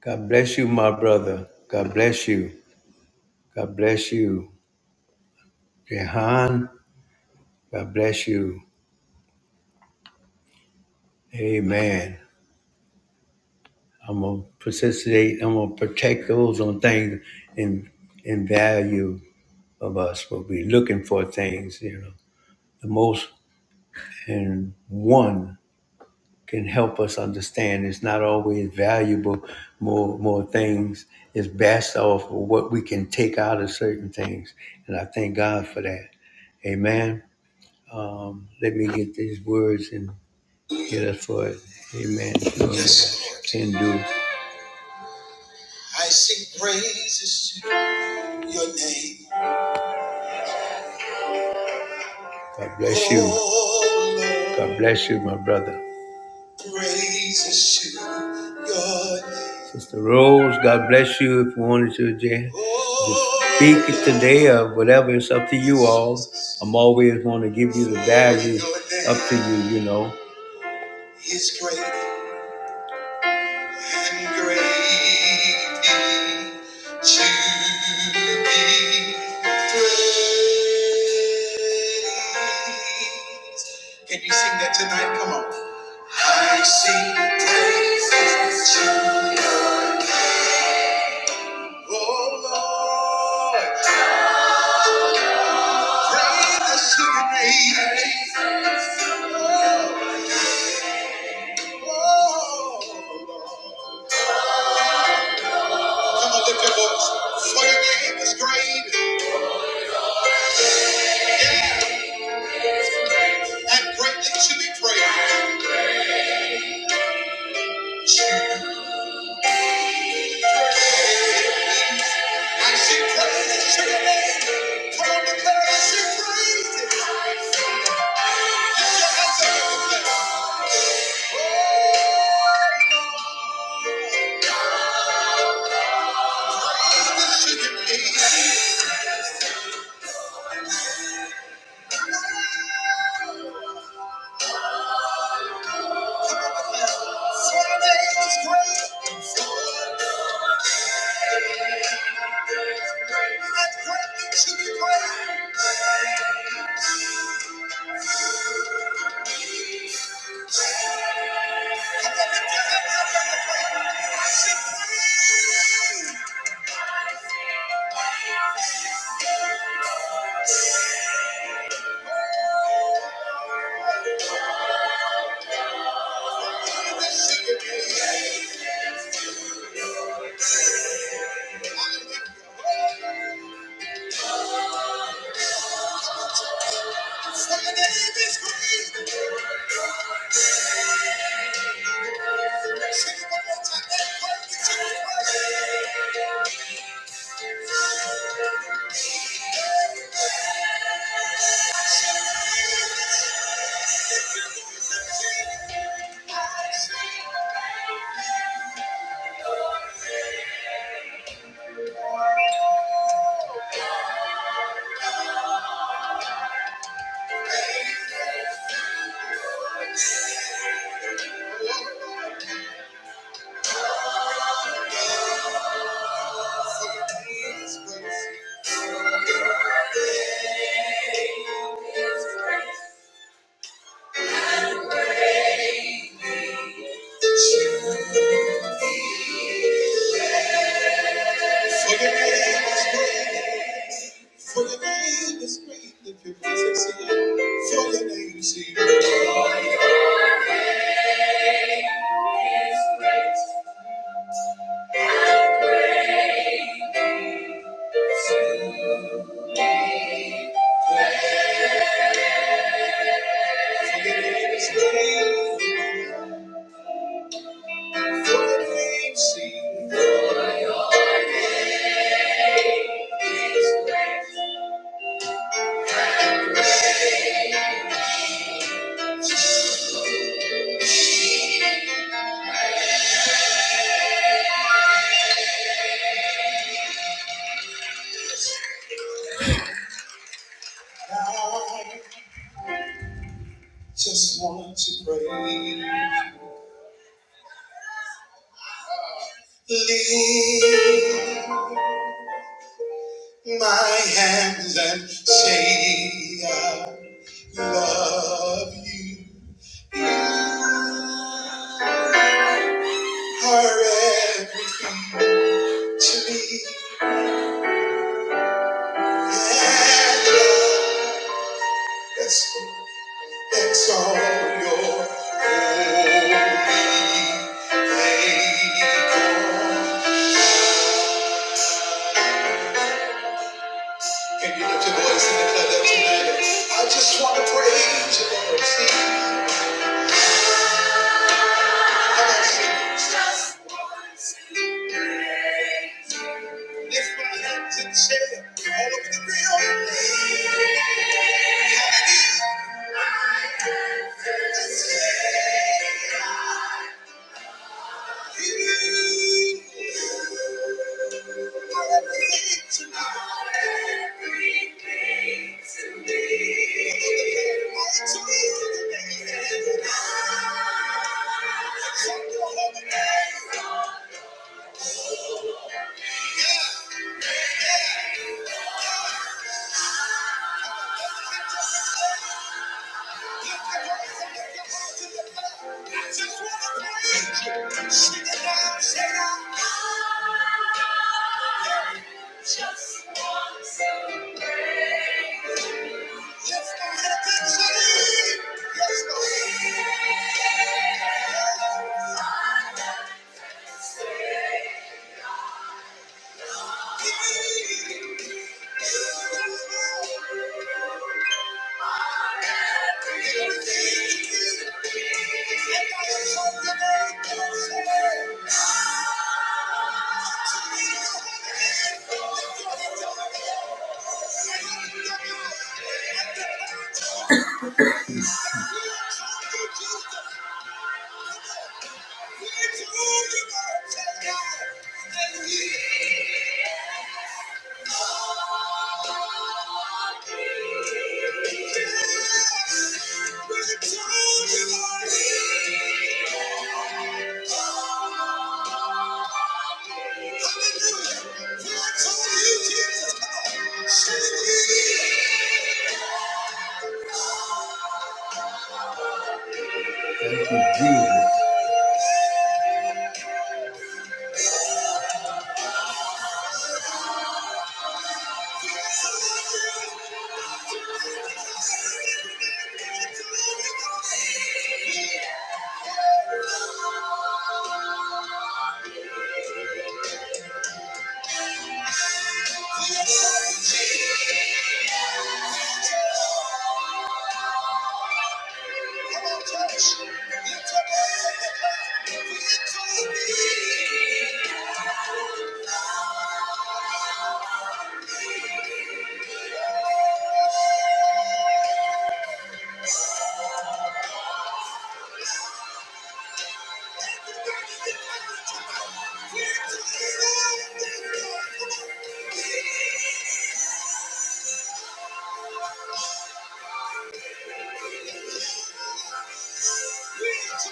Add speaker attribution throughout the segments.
Speaker 1: God bless you, my brother. God bless you. God bless you. Jehan, God bless you. Amen. I'm going to participate. I'm going to protect those on things and, and value of us. We'll be looking for things, you know. The most and one can help us understand it's not always valuable more more things it's best off of what we can take out of certain things and i thank god for that amen Um, let me get these words and get us for it. Amen. Yes. Can do. I sing praises to your name. God bless you. Oh, God bless you, my brother. Praises to your name. Sister Rose, God bless you if you wanted to, Jan. Oh, Speak it today or whatever, it's up to you all. I'm always going to give you the value up to you, you know. His grace. Can you sing that tonight? Come on. I sing praises to you, oh Lord. Praises to your name. Oh, come on, lift your voice. For your name is great and greatly to be praised. And she praises your name. Come on, declare it. She praises. Lift your hands up and declare. Oh, this should be me. For your is great. And greatly to be praised. Come on, lift your hands up I should praise. This should Just want to pray. Leave. my hands and say I love you. You are everything to me. And love, that's, that's all your holy faithful. Can you lift your voice in the club tonight? I just want to praise you, Lord. See? Thank you. Just want to pray. Yes, go ahead and sing. Yes, go ahead. Thank you. Thank you, Jesus. Come on, We don't need.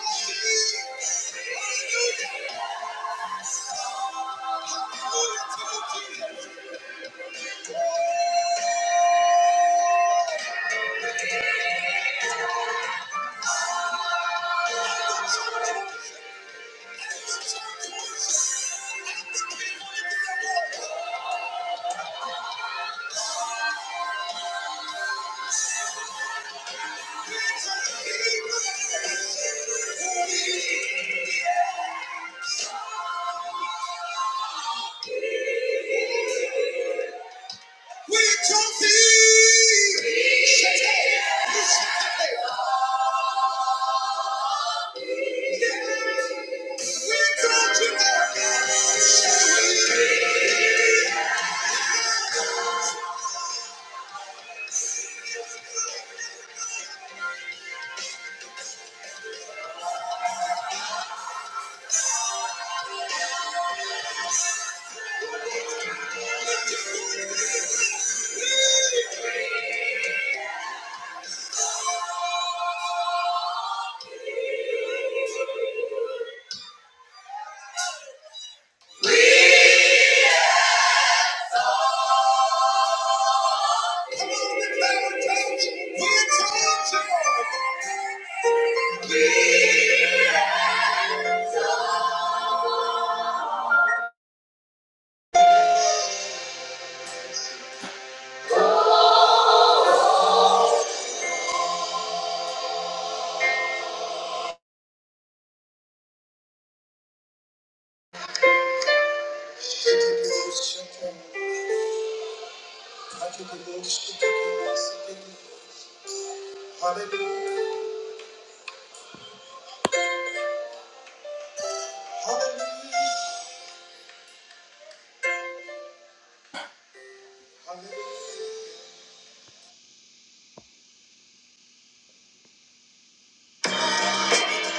Speaker 1: We don't need.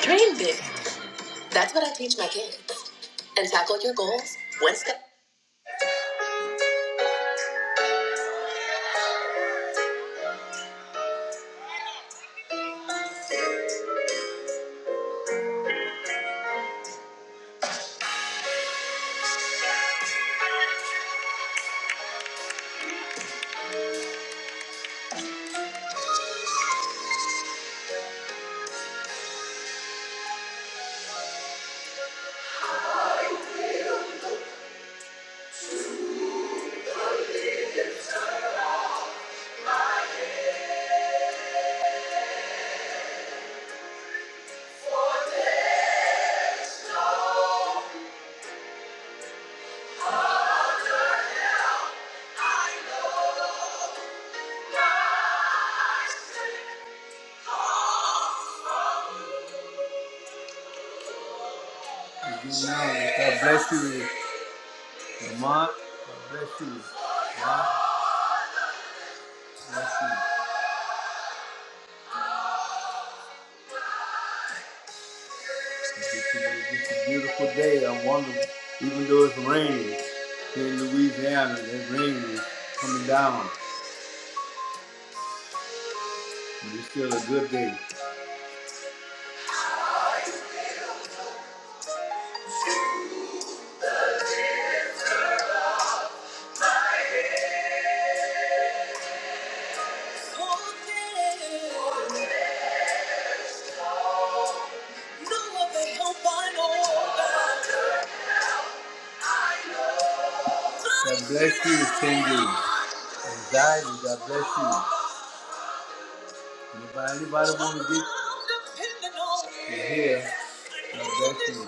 Speaker 1: Dream big. That's what I teach my kids. And tackle your goals one step. Good morning. God bless you, Lamont. God bless you. God bless you. It's a, it's a beautiful day. I wonder, even though it's raining here in Louisiana, that rain is coming down, but it's still a good day. God bless you, Cindy. Anxiety, God bless you. Anybody, anybody want to get to here? God bless you.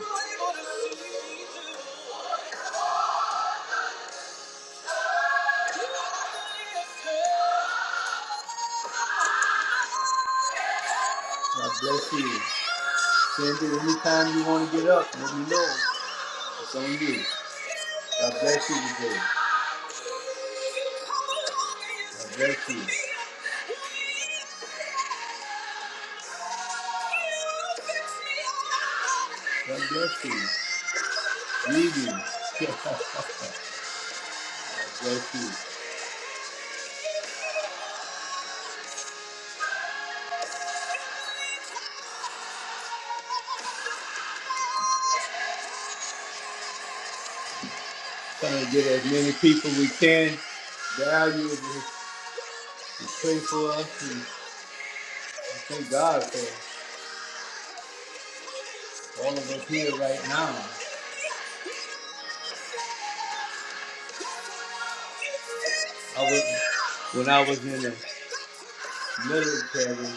Speaker 1: God bless you. Sandy. anytime you want to get up, let me know. It's on you. God bless you today. God bless you. God bless you. Meeting. God bless you. Trying to get as many people we can. Value it. Pray for us. And I thank God for all of us here right now. I was, when I was in the military,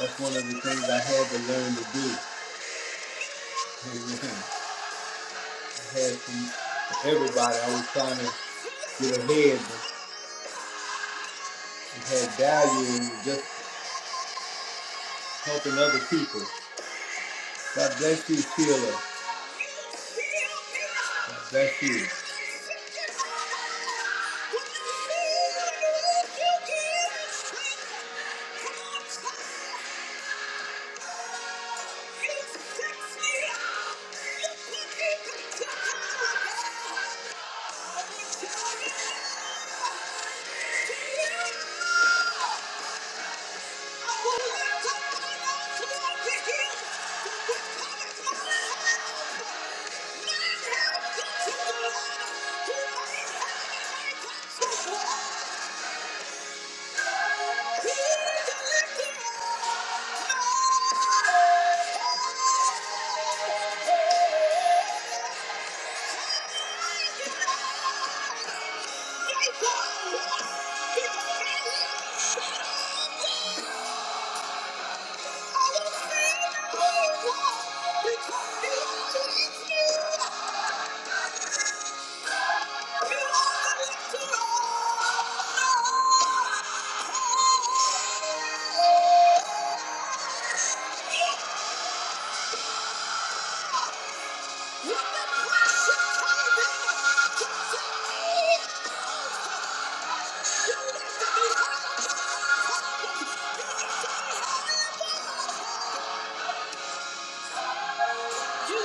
Speaker 1: that's one of the things I had to learn to do. Amen. I had from everybody. I was trying to get ahead, but it had value in just helping other people. God bless you, Sheila. God bless you. With the Thank you. And he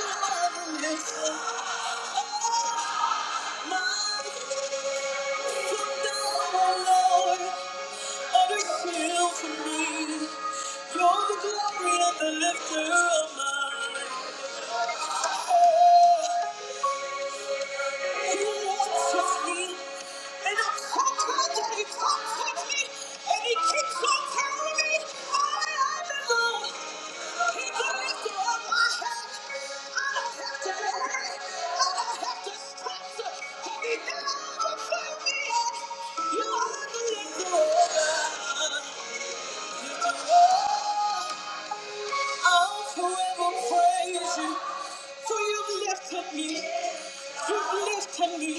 Speaker 1: keeps on telling me, I am the Lord. I'll forever praise you, for You've lifted me, you've lifted me,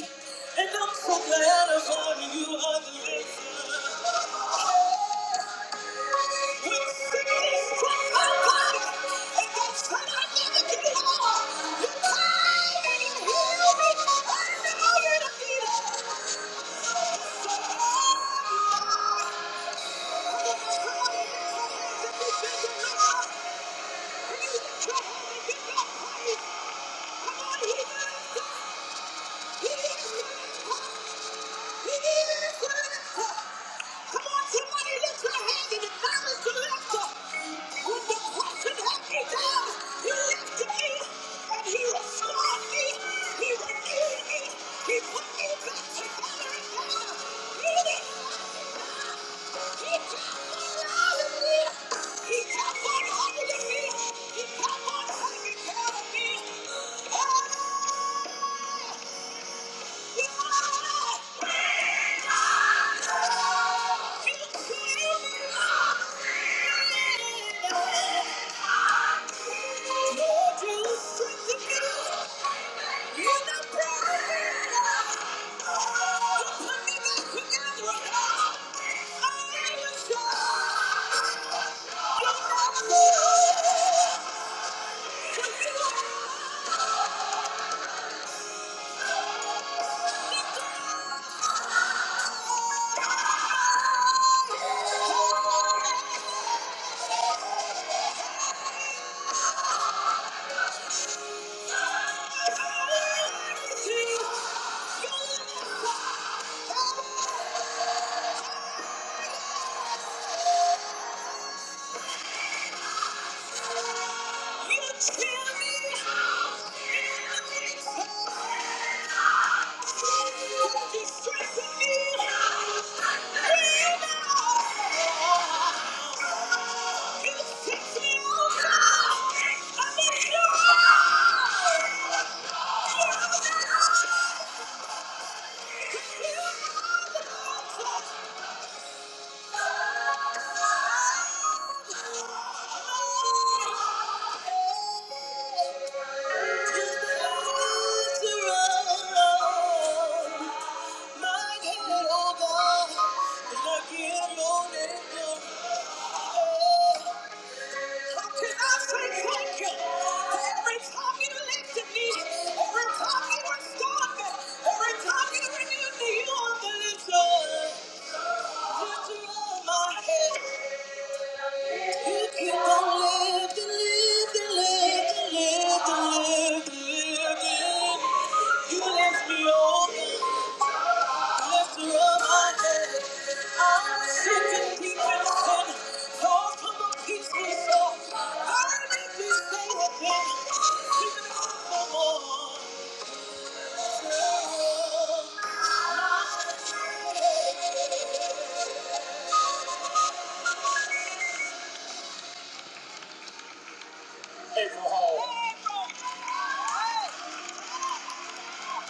Speaker 1: and I'm so glad I found you. Are the lifter. Come on, he's He even is good in his cup. Come on, somebody lift your hand and acknowledge you lift up. When the question had me down, you lifted me, and he restored me, he renewed me, he put me back together again. He didn't let me He kept on loving me. He kept on hugging me. He kept on taking care of me. Oh, Oh! Oh! Keep on living, living, living, living, living, living. You left me open, left her on my head. I'm sitting deep in the sin, far from a peaceful soul. I need to say again, keep it up for more.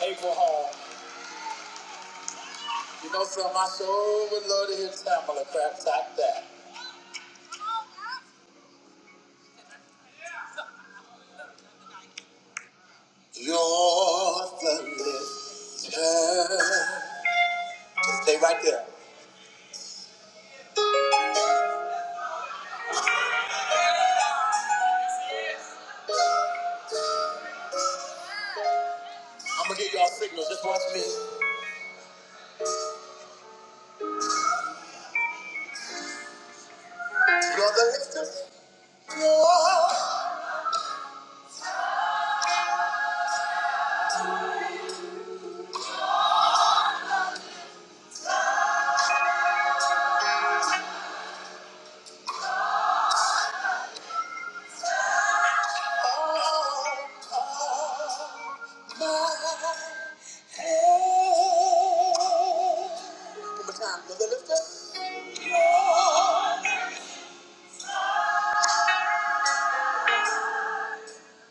Speaker 1: April Hall, you know some old would love to hear Tamala crap like that. You're the lifter. Just stay right there. I'm gonna give y'all signals. Just watch me. You're the lift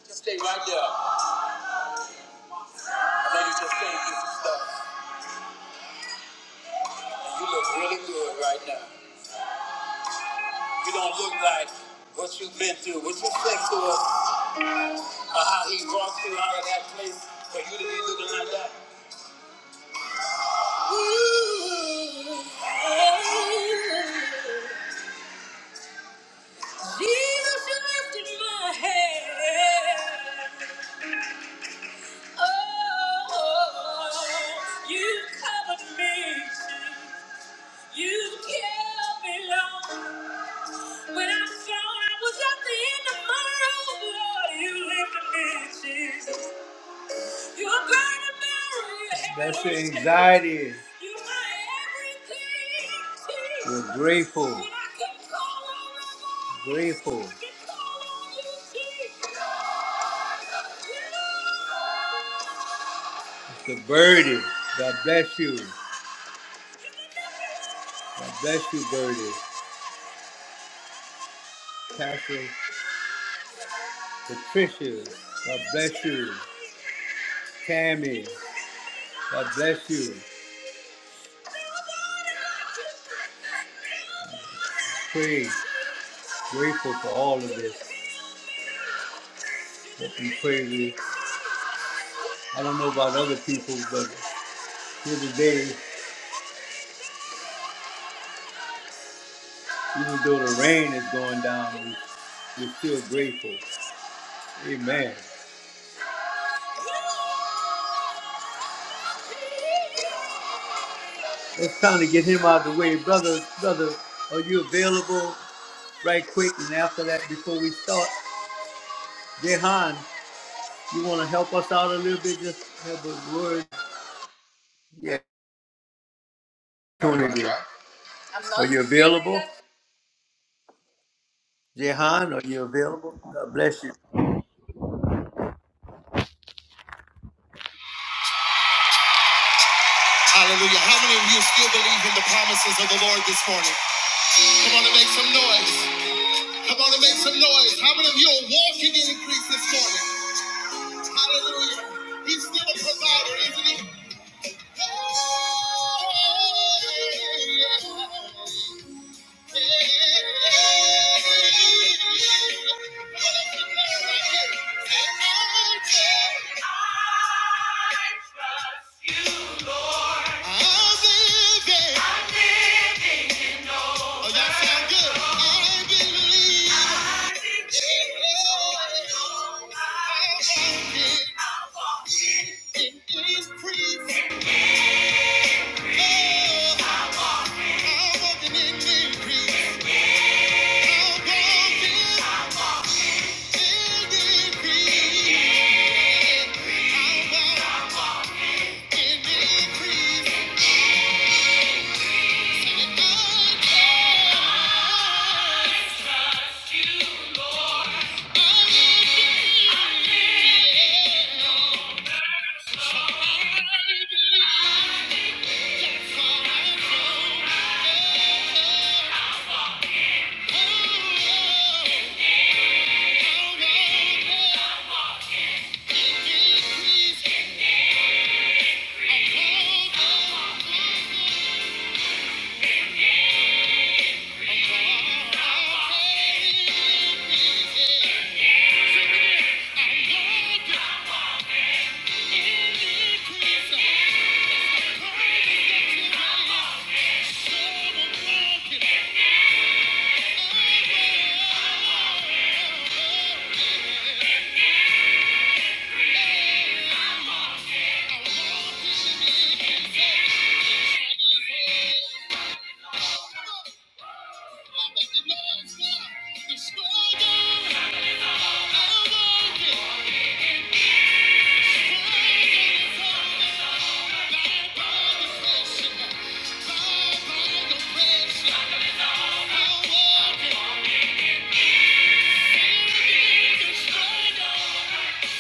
Speaker 1: Just stay right there. I know you just came through some stuff, and you look really good right now. You don't look like what you've been through, what you said to us, or how he brought you out of that place for you to be looking like that. Jesus, you lifted my head. Oh, you covered me. You kept me long. When I thought I was at the end of my road, Lord, you lifted me, Jesus. You are great and mighty. That's your anxiety. You are everything, Jesus. We're grateful. And I can call on you. Grateful. I can call on you, Jesus. The birdie. God bless you. God bless you, birdie. Pastor Patricia. God bless you. Tammy. God bless you. Praise. Grateful for all of this. That's some crazy. I don't know about other people, but here today, even though the rain is going down, we- we're still grateful. Amen. It's time to get him out of the way. Brother, brother, are you available right quick? And after that, before we start, Jehan, you want to help us out a little bit? Just have a word. Yeah, opportunity. Are you available? Jehan, are you available? God bless you.
Speaker 2: Hallelujah. How many of you still believe in the promises of the Lord this morning? Come on and make some noise. Come on and make some noise. How many of you are walking in increase this morning? Hallelujah. He's still a provider, isn't he? Increase. Increase. Oh. Yeah. Bye.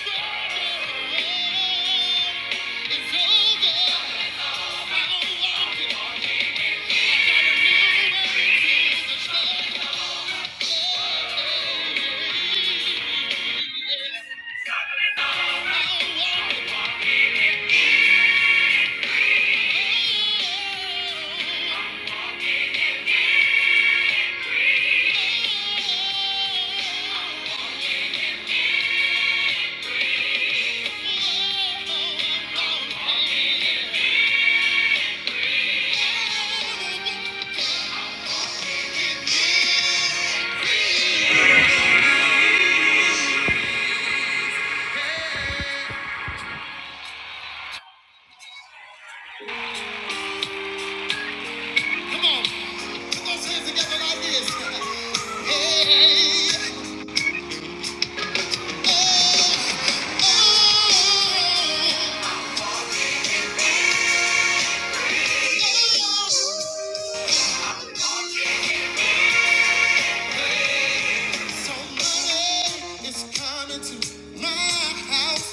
Speaker 2: Come on, put those hands together like this. Hey, somebody is coming to my house.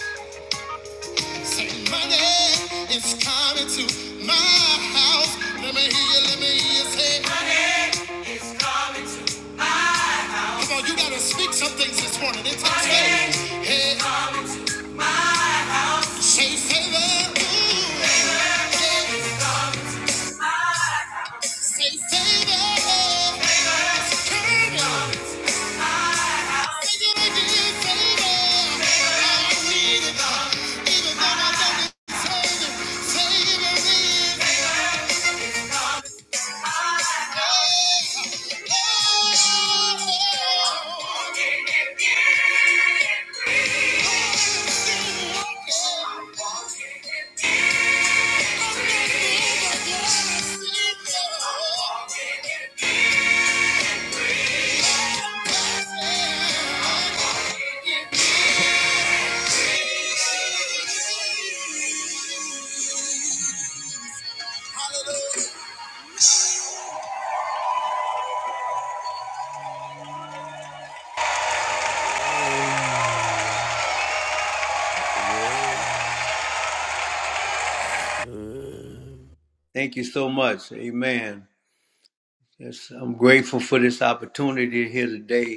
Speaker 2: Money is coming to my house. Let me hear you, let me hear you say. Money is coming to my house. Come on, you gotta speak some things this morning. It's okay. Money Hey. is coming to my house. Say favor. Ooh. Favor. Say favor. Favor. Say it again, favor. I need it. Even though I don't deserve it. Favor is
Speaker 1: Thank you so much. Amen. Yes, I'm grateful for this opportunity here today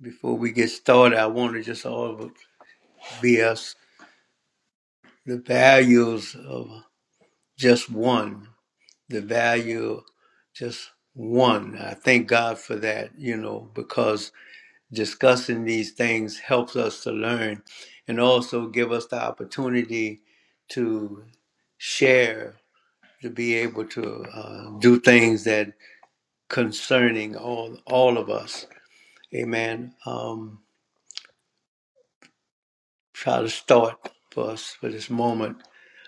Speaker 1: Before we get started, I want to just all be us the values of just one, the value just one. I thank God for that, you know, because discussing these things helps us to learn and also give us the opportunity to share, to be able to uh, do things that concerning all all of us. Amen. Um, try to start for us for this moment.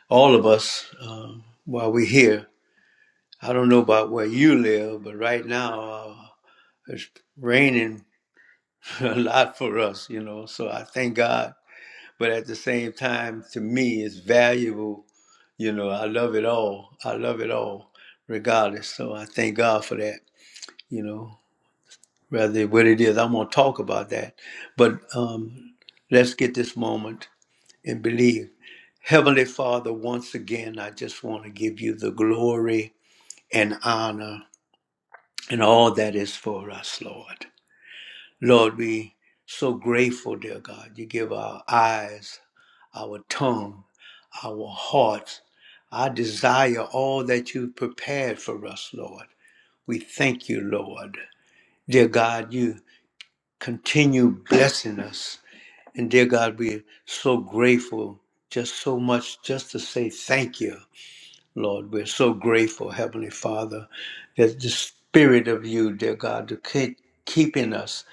Speaker 1: all of us uh, while we're here. I don't know about where you live, but right now uh, it's raining a lot for us, you know. So I thank God, but at the same time, to me, it's valuable. You know, I love it all. I love it all, regardless. So I thank God for that. You know, rather what it is, I'm gonna talk about that. But um, let's get this moment and believe. Heavenly Father, once again, I just want to give you the glory and honor and all that is for us, Lord. Lord, we so grateful, dear God. You give our eyes, our tongue, our hearts, our desire, all that you've prepared for us, Lord. We thank you, Lord. Dear God, you continue blessing us. And dear God, we're so grateful, just so much just to say thank you. Lord, we're so grateful, Heavenly Father, that the Spirit of you, dear God, to keep keeping us,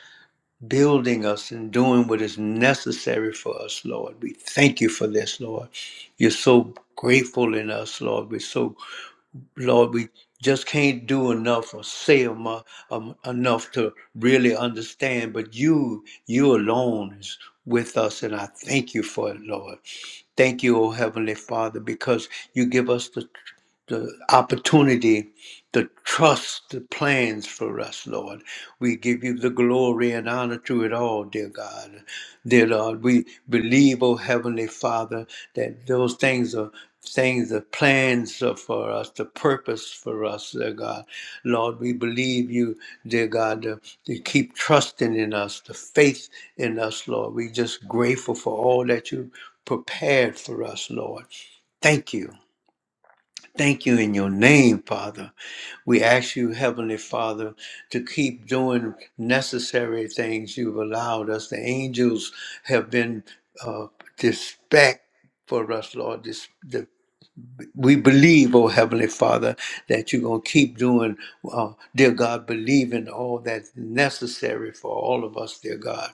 Speaker 1: building us, and doing what is necessary for us, Lord. We thank you for this, Lord. You're so grateful in us, Lord. We're so, Lord, we just can't do enough or say emo- um, enough to really understand, but you, you alone is with us, and I thank you for it, Lord. Thank you, O Heavenly Father, because you give us the the opportunity, the trust, the plans for us, Lord. We give you the glory and honor to it all, dear God. Dear Lord, we believe, O Heavenly Father, that those things are things, the plans are for us, the purpose for us, dear God. Lord, we believe you, dear God, to, to keep trusting in us, the faith in us, Lord. we just grateful for all that you prepared for us, Lord. Thank you. Thank you in your name, Father. We ask you, Heavenly Father, to keep doing necessary things you've allowed us. The angels have been uh, dispatched for us, Lord we believe, oh Heavenly Father, that you're going to keep doing, uh, dear God, believing all that's necessary for all of us, dear God.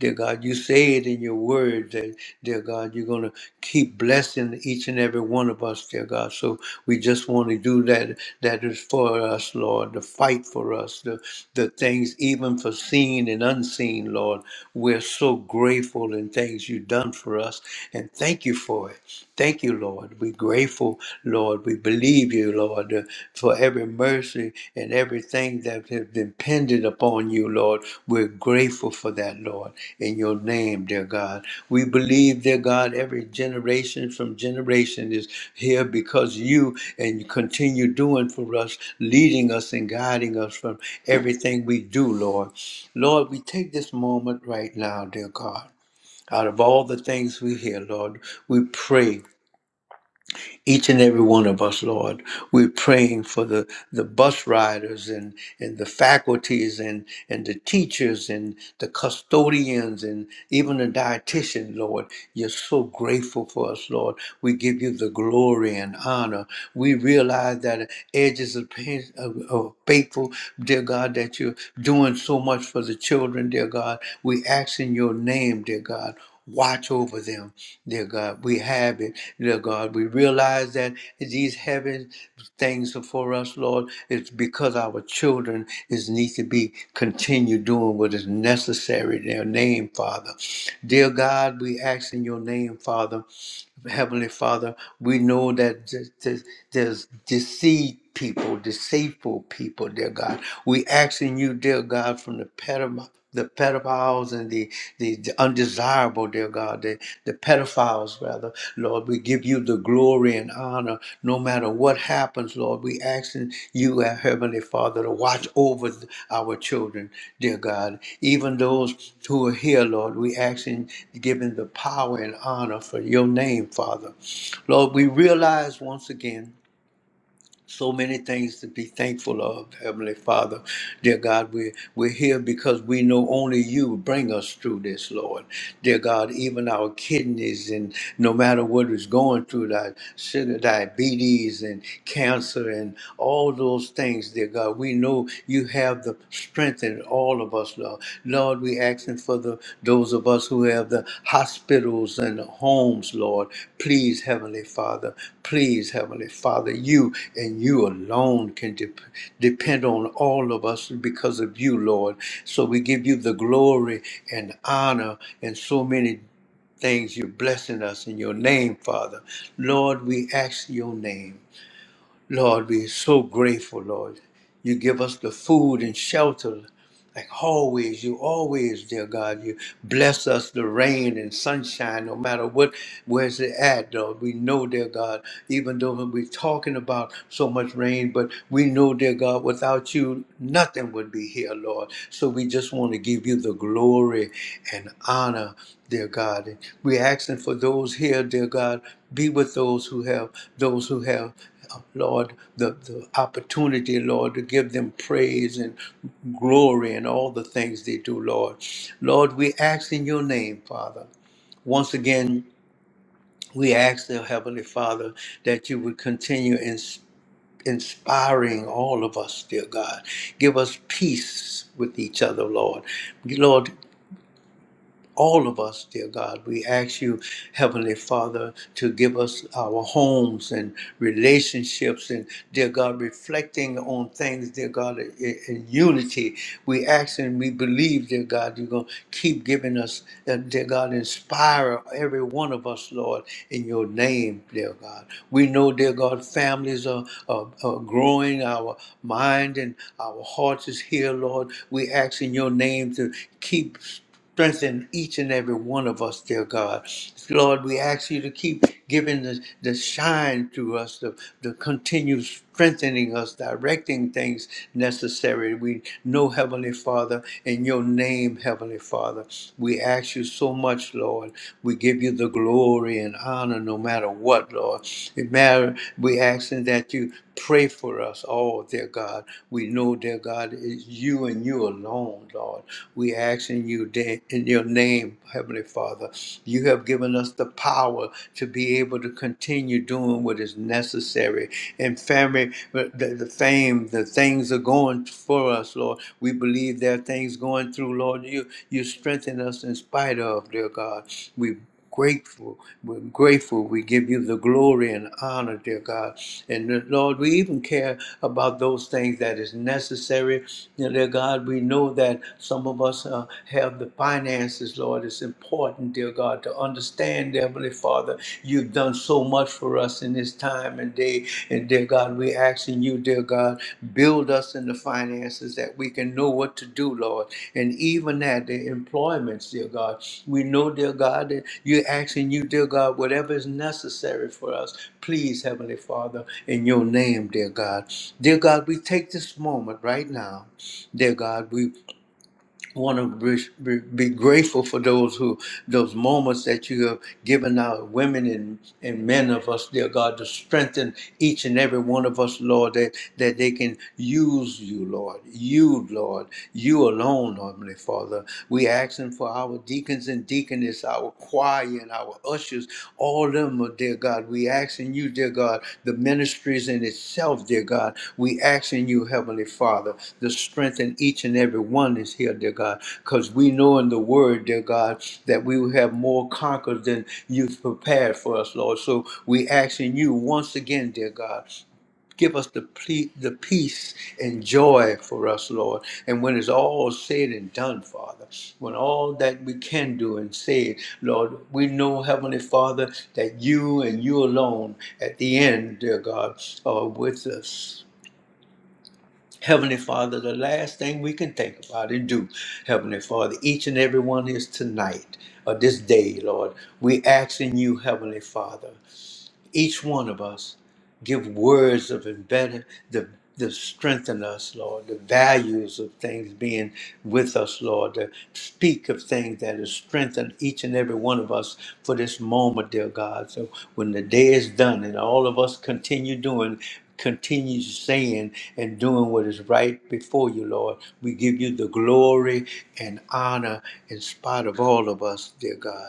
Speaker 1: Dear God, you say it in your word that, dear God, you're going to keep blessing each and every one of us, dear God. So we just want to do that. That is for us, Lord, the fight for us, the, the things even for seen and unseen, Lord. We're so grateful in things you've done for us. And thank Thank you for it. Thank you, Lord. We're grateful, Lord. We believe you, Lord, uh, for every mercy and everything that has been pendant upon you, Lord. We're grateful for that, Lord, in your name, dear God. We believe, dear God, every generation from generation is here because you and you continue doing for us, leading us and guiding us from everything we do, Lord. Lord, we take this moment right now, dear God. Out of all the things we hear, Lord, we pray each and every one of us, Lord. We're praying for the, the bus riders and, and the faculties and, and the teachers and the custodians and even the dietitian, Lord. You're so grateful for us, Lord. We give you the glory and honor. We realize that edges of, pain, of, of faithful, dear God, that you're doing so much for the children, dear God. We ask in your name, dear God. Watch over them. Dear God, we have it. Dear God, we realize that these heaven things are for us, Lord. It's because our children is need to be continue doing what is necessary in their name, Father. Dear God, we ask in your name, Father. Heavenly Father, we know that th- th- there's deceived people, deceitful people, dear God. We asking you, dear God, from the pedophile. The pedophiles and the, the, the undesirable, dear God, the, the pedophiles, rather, Lord. Lord. We give you the glory and honor no matter what happens, Lord. We asking you, our Heavenly Father, to watch over our children, dear God. Even those who are here, Lord, we asking, giving the power and honor for your name, Father. Lord, we realize once again so many things to be thankful of, Heavenly Father. Dear God, we're, we're here because we know only you bring us through this, Lord. Dear God, even our kidneys and no matter what is going through, that sugar, diabetes and cancer and all those things, dear God, we know you have the strength all of us, Lord. Lord, we asking for the those of us who have the hospitals and the homes, Lord. Please, Heavenly Father, please, Heavenly Father, you and you alone can dep depend on all of us because of you, Lord. So we give you the glory and honor and so many things you're blessing us in your name, Father. Lord, we ask your name. Lord, we're so grateful, Lord. You give us the food and shelter. Like always, you always, dear God, you bless us the rain and sunshine, no matter what, where's it at, Lord. We know, dear God, even though we're talking about so much rain, but we know, dear God, without you, nothing would be here, Lord. So we just want to give you the glory and honor, dear God. We're asking for those here, dear God, be with those who have those who have uh, Lord, the, the opportunity, Lord, to give them praise and glory and all the things they do, Lord. Lord, we ask in your name, Father. Once again, we ask, the Heavenly Father, that you would continue ins- inspiring all of us, dear God. Give us peace with each other, Lord. Lord, all of us, dear God. We ask you, Heavenly Father, to give us our homes and relationships and, dear God, reflecting on things, dear God, in, in unity. We ask and we believe, dear God, you're going to keep giving us, uh, dear God, inspire every one of us, Lord, in your name, dear God. We know, dear God, families are, are, are growing, our mind and our hearts is here, Lord. We ask in your name to keep Strengthen each and every one of us, dear God. Lord, we ask you to keep giving the, the shine to us, the, the continue strengthening us, directing things necessary. We know, Heavenly Father, in your name, Heavenly Father, we ask you so much, Lord. We give you the glory and honor no matter what, Lord. It matter, we asking that you pray for us all, dear God. We know, dear God, it's you and you alone, Lord. We ask in you da- in your name, Heavenly Father. You have given us the power to be able to continue doing what is necessary and family, the, the fame, the things are going for us, Lord. We believe there are things going through, Lord. You you strengthen us in spite of, dear God. We grateful. We're grateful. We give you the glory and honor, dear God. And uh, Lord, we even care about those things that is necessary. You know, dear God, we know that some of us uh, have the finances, Lord. It's important, dear dear God, to understand, Heavenly Father, you've done so much for us in this time and day. And dear God, we're asking you, dear God, build us in the finances that we can know what to do, Lord. And even at the employments, dear God, we know, dear God, that you're asking you, dear God, whatever is necessary for us, please, Heavenly Father, in your name, dear God. Dear God, we take this moment right now. Dear God, we want to be, be grateful for those who those moments that you have given our women and, and men of us dear god to strengthen each and every one of us lord that that they can use you lord you lord you alone heavenly father we asking for our deacons and deaconess our choir and our our ushers, all of them, oh, dear God. We asking you, dear God, the ministries in itself, dear God. We asking you, Heavenly Father, to strengthen each and every one is here, dear God, because we know in the word, dear God, that we will have more conquered than you've prepared for us, Lord. So we asking you once again, dear God, Give us the, ple- the peace and joy for us, Lord. And when it's all said and done, Father, when all that we can do and say, Lord, we know, Heavenly Father, that you and you alone at the end, dear God, are with us. Heavenly Father, the last thing we can think about and do, Heavenly Father, each and every one is tonight or this day, Lord. We ask in you, Heavenly Father each one of us give words of embedded the the strengthen us, Lord, the values of things being with us, Lord, to speak of things that has strengthened each and every one of us for this moment, dear God. So when the day is done and all of us continue doing, continue saying and doing what is right before you, Lord, we give you the glory and honor in spite of all of us, dear God.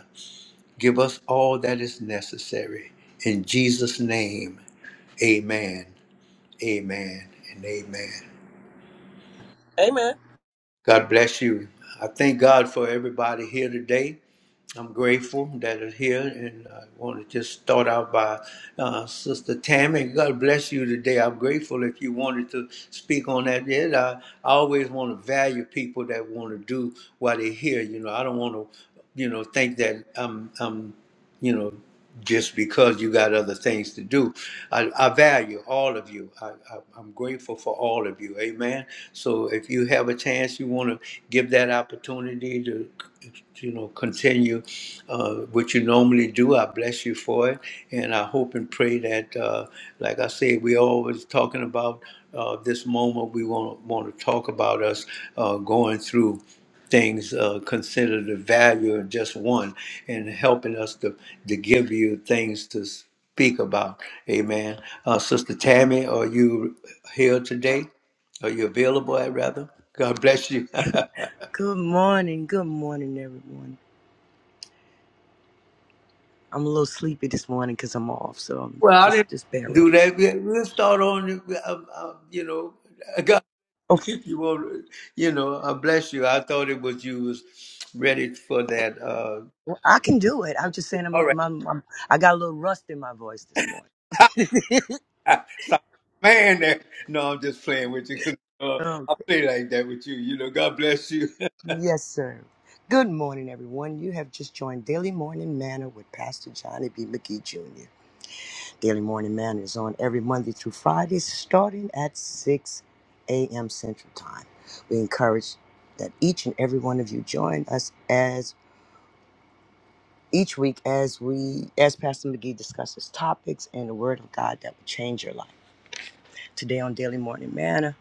Speaker 1: Give us all that is necessary. In Jesus' name, amen, amen, and amen.
Speaker 3: Amen.
Speaker 1: God bless you. I thank God for everybody here today. I'm grateful that are here, and I want to just start out by uh, Sister Tammy. God bless you today. I'm grateful if you wanted to speak on that. Yeah, I, I always want to value people that want to do what they hear. You know, I don't want to, you know, think that I'm. I'm you know, just because you got other things to do. I, I value all of you. I, I, I'm grateful for all of you. Amen. So if you have a chance, you want to give that opportunity to, you know, continue uh, what you normally do. I bless you for it. And I hope and pray that, uh, like I said, we always talking about uh, this moment we want to want to talk about us uh, going through things uh, consider the value of just one and helping us to, to give you things to speak about. Amen. Uh, Sister Tammy, are you here today? Are you available, i rather? God bless you.
Speaker 4: Good morning. Good morning, everyone. I'm a little sleepy this morning because I'm off, so I'm
Speaker 1: well, I
Speaker 4: just
Speaker 1: didn't
Speaker 4: just bear with.
Speaker 1: do
Speaker 4: It.
Speaker 1: that. We- We'll start on, uh, uh, you know, God,
Speaker 4: Oh,
Speaker 1: you won't, you know, I bless you. I thought it was you was ready for that. Uh,
Speaker 4: well, I can do it. I'm just saying, I'm,
Speaker 1: all
Speaker 4: a-
Speaker 1: right.
Speaker 4: my, my, I got a little rust in my voice this morning.
Speaker 1: Sound like a man there. No, I'm just playing with you. Uh,
Speaker 4: Oh,
Speaker 1: I play like that with you. You know, God bless you.
Speaker 4: yes, sir. Good morning, everyone. You have just joined Daily Morning Manor with Pastor Johnny B. McGee Jr. Daily Morning Manor is on every Monday through Friday, starting at 6 a.m. Central Time. We encourage that each and every one of you join us each week as we as pastor mcgee discusses topics and the word of god that will change your life today on daily morning manna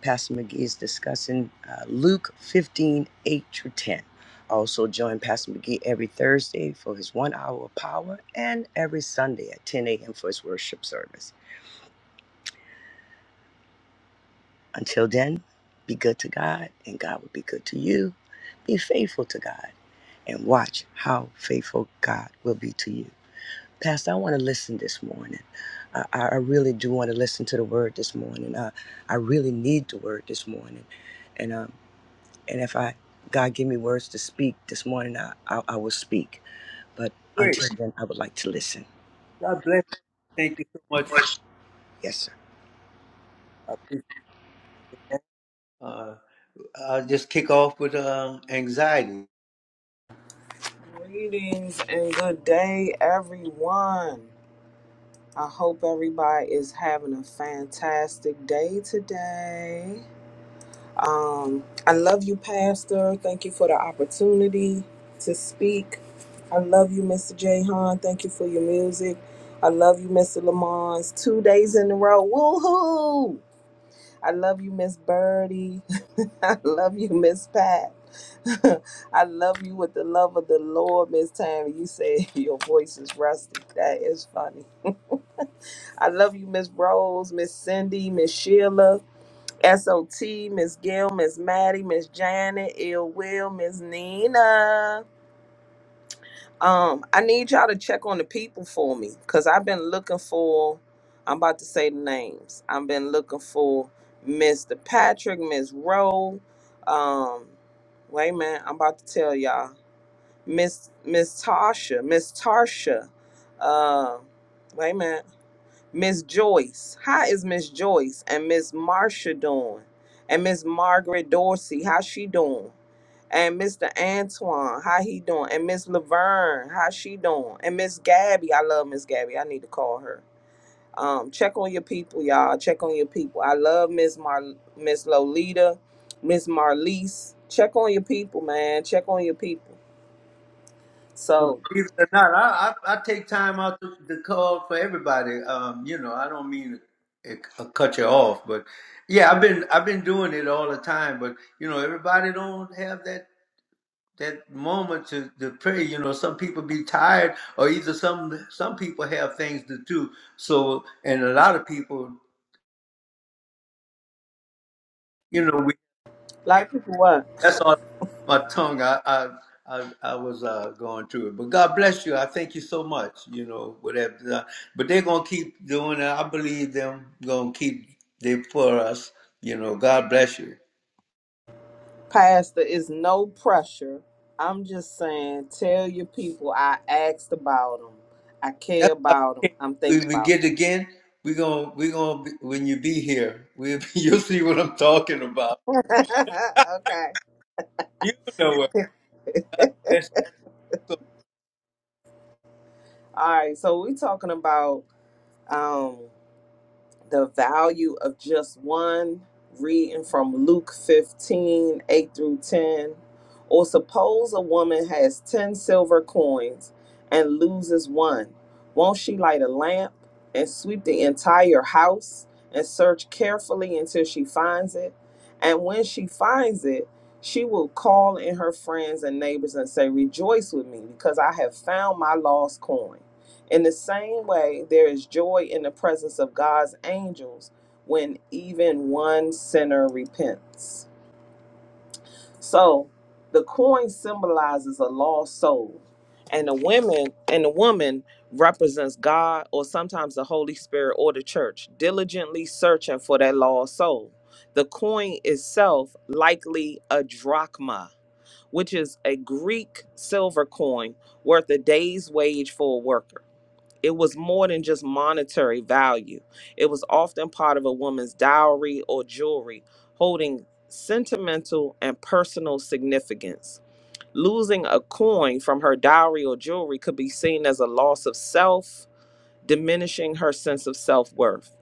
Speaker 4: pastor mcgee is discussing uh, luke 15 8 through 10 also join pastor mcgee every thursday for his one hour of power and every sunday at 10 a.m for his worship service until then be good to god and god will be good to you be faithful to god and watch how faithful god will be to you Pastor, I want to listen this morning. I, I I really do want to listen to the word this morning. I, I really need the word this morning. And um, and if I God give me words to speak this morning, I, I, I will speak. But
Speaker 1: Great.
Speaker 4: until then, I would like to listen.
Speaker 1: God bless you. Thank you so much.
Speaker 4: Yes, sir.
Speaker 1: I appreciate that. Uh, I'll just kick off with um, anxiety.
Speaker 3: Greetings and good day, everyone. I hope everybody is having a fantastic day today. Um, I love you, Pastor. Thank you for the opportunity to speak. I love you, Mr. J. Thank you for your music. I love you, Mr. Lamons. Two days in a row. Woohoo! I love you, Miss Birdie. I love you, Miss Pat. I love you with the love of the Lord, Miss Tammy. You say your voice is rusty. That is funny. I love you, Miss Rose, Miss Cindy, Miss Sheila, SOT, Miss Gail, Miss Maddie, Miss Janet, Ill Will, Miss Nina. Um, I need y'all to check on the people for me because I've been looking for, I'm about to say the names. I've been looking for Mr. Patrick, Miss Rowe. Um, wait a minute, I'm about to tell y'all. Miss Miss Tasha, Miss Tarsha. Uh, wait a minute. Miss Joyce. How is Miss Joyce and Miss Marsha doing? And Miss Margaret Dorsey, how's she doing? and Mr. Antoine, how he doing? And Miss Laverne, how she doing? And Miss Gabby, I love Miss Gabby. I need to call her. Um, check on your people, y'all. Check on your people. I love Miss Mar Miss Lolita, Miss Marlise. Check on your people, man. Check on your people.
Speaker 1: But
Speaker 3: So,
Speaker 1: believe it or not, I, I, I take time out to, to call for everybody. Um, you know, I don't mean it, uh, cut you off, but yeah, I've been I've been doing it all the time. But you know, everybody don't have that that moment to, to pray. You know, some people be tired, or either some some people have things to do. So, and a lot of people, you know, we,
Speaker 3: like people what?
Speaker 1: that's on my tongue. I I I, I was uh, going through it, but God bless you. I thank you so much. You know, whatever. But they're gonna keep doing it. I believe them gonna keep they for us. You know, God bless you.
Speaker 3: Pastor is no pressure. I'm just saying, tell your people I asked about them. I care
Speaker 1: That's why
Speaker 3: about them.
Speaker 1: we can't-
Speaker 3: I'm thinking
Speaker 1: when we
Speaker 3: about
Speaker 1: get again. We gonna we gonna be, when you be here, we you'll see what I'm talking about
Speaker 3: them. okay.
Speaker 1: You know what? That's so
Speaker 3: All right, so we're talking about um, the value of just one, reading from Luke 15 8 through 10. Or suppose a woman has 10 silver coins and loses one. Won't she light a lamp and sweep the entire house and search carefully until she finds it? And when she finds it, she will call in her friends and neighbors and say, Rejoice with me because I have found my lost coin. In the same way, there is joy in the presence of God's angels when even one sinner repents. So the coin symbolizes a lost soul, and the women and the woman represents God or sometimes the Holy Spirit or the church, diligently searching for that lost soul. The coin itself likely a drachma, which is a Greek silver coin worth a day's wage for a worker. It was more than just monetary value. It was often part of a woman's dowry or jewelry, holding sentimental and personal significance. Losing a coin from her dowry or jewelry could be seen as a loss of self, diminishing her sense of self worth.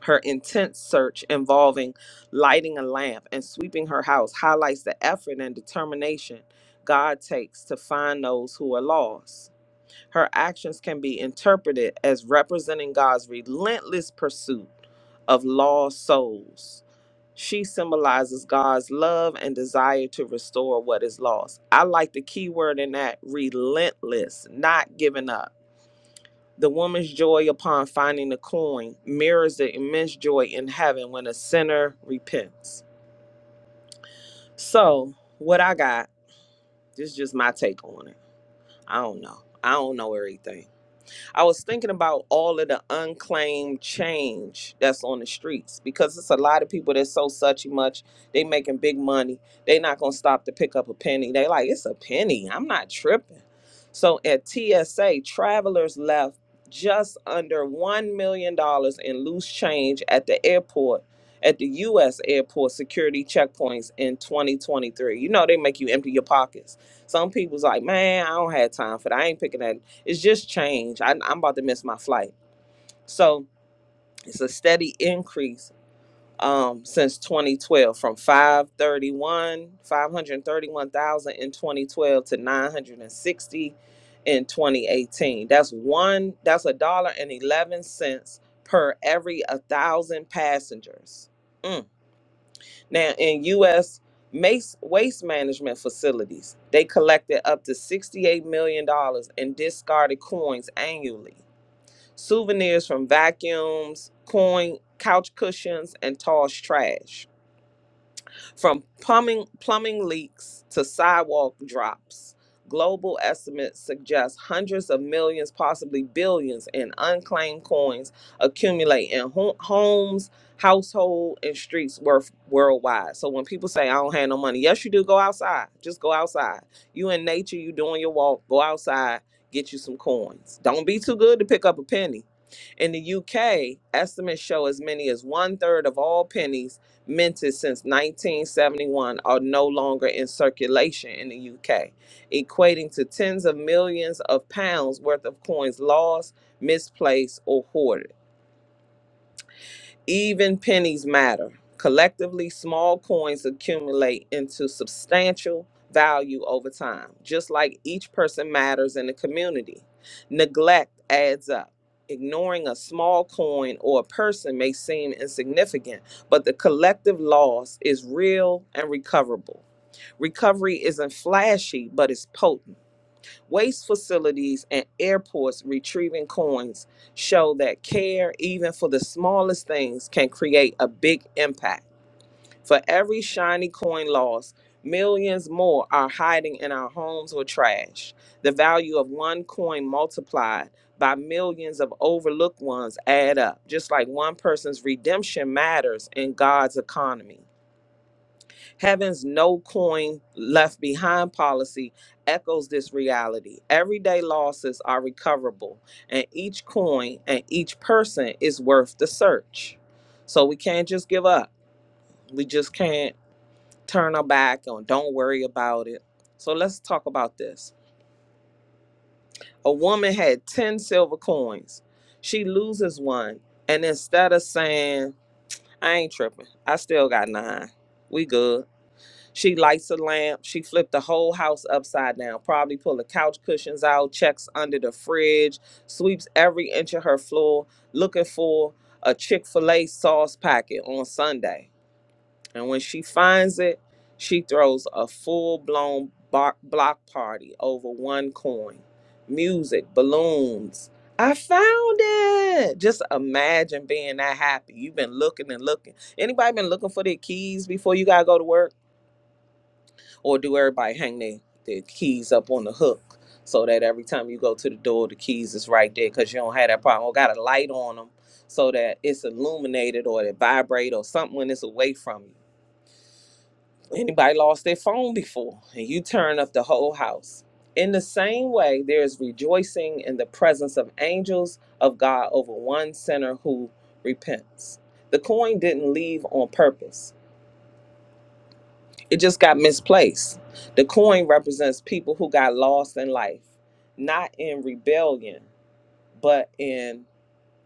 Speaker 3: Her intense search involving lighting a lamp and sweeping her house highlights the effort and determination God takes to find those who are lost. Her actions can be interpreted as representing God's relentless pursuit of lost souls. She symbolizes God's love and desire to restore what is lost. I like the key word in that relentless, not giving up. The woman's joy upon finding the coin mirrors the immense joy in heaven when a sinner repents. So, what I got, this is just my take on it. I don't know. I don't know everything. I was thinking about all of the unclaimed change that's on the streets because it's a lot of people that so such and much. They making big money. They not gonna stop to pick up a penny. They like it's a penny. I'm not tripping. So at TSA, travelers left just under one million dollars in loose change at the airport. At the U.S. airport security checkpoints in 2023, you know they make you empty your pockets. Some people's like, man, I don't have time for that. I ain't picking that it's just change. I, I'm about to miss my flight. So it's a steady increase um, since 2012 from 531, 531,000 in 2012 to 960 in 2018. That's one, that's a dollar and 11 cents per every a thousand passengers. Mm. Now in U.S. Mace waste management facilities. They collected up to $68 million dollars in discarded coins annually souvenirs from vacuums, coin, couch cushions, and tossed trash. From plumbing plumbing leaks to sidewalk drops, global estimates suggest hundreds of millions, possibly billions, in unclaimed coins accumulate in ho- homes, household, and streets worth worldwide. So when people say I don't have no money, yes you do. Go outside. Just go outside. You in nature. You doing your walk. Go outside. Get you some coins. Don't be too good to pick up a penny. In the UK, estimates show as many as one third of all pennies minted since 1971 are no longer in circulation in the UK, equating to tens of millions of pounds worth of coins lost, misplaced, or hoarded. Even pennies matter. Collectively, small coins accumulate into substantial value over time, just like each person matters in the community. Neglect adds up. Ignoring a small coin or a person may seem insignificant, but the collective loss is real and recoverable. Recovery isn't flashy, but it's potent. Waste facilities and airports retrieving coins show that care, even for the smallest things, can create a big impact. For every shiny coin lost, millions more are hiding in our homes or trash. The value of one coin multiplied by millions of overlooked ones add up, just like one person's redemption matters in God's economy. Heaven's no coin left behind policy echoes this reality. Everyday losses are recoverable, and each coin and each person is worth the search. So we can't just give up. We just can't turn our back on, don't worry about it. So let's talk about this. A woman had 10 silver coins. She loses one, and instead of saying, I ain't tripping, I still got nine, we good She lights a lamp. She flipped the whole house upside down, probably pulled the couch cushions out, checks under the fridge, sweeps every inch of her floor looking for a Chick fil A sauce packet on Sunday. And when she finds it, she throws a full blown block party over one coin. Music, balloons. I found it. Just imagine being that happy. You've been looking and looking. Anybody been looking for their keys before you gotta go to work? or do everybody hang their, their keys up on the hook so that every time you go to the door, the keys is right there because you don't have that problem. Or got a light on them so that it's illuminated or it vibrate or something when it's away from you. Anybody lost their phone before and you turn up the whole house. In the same way, there is rejoicing in the presence of angels of God over one sinner who repents. The coin didn't leave on purpose It just got misplaced. The coin represents people who got lost in life, not in rebellion, but in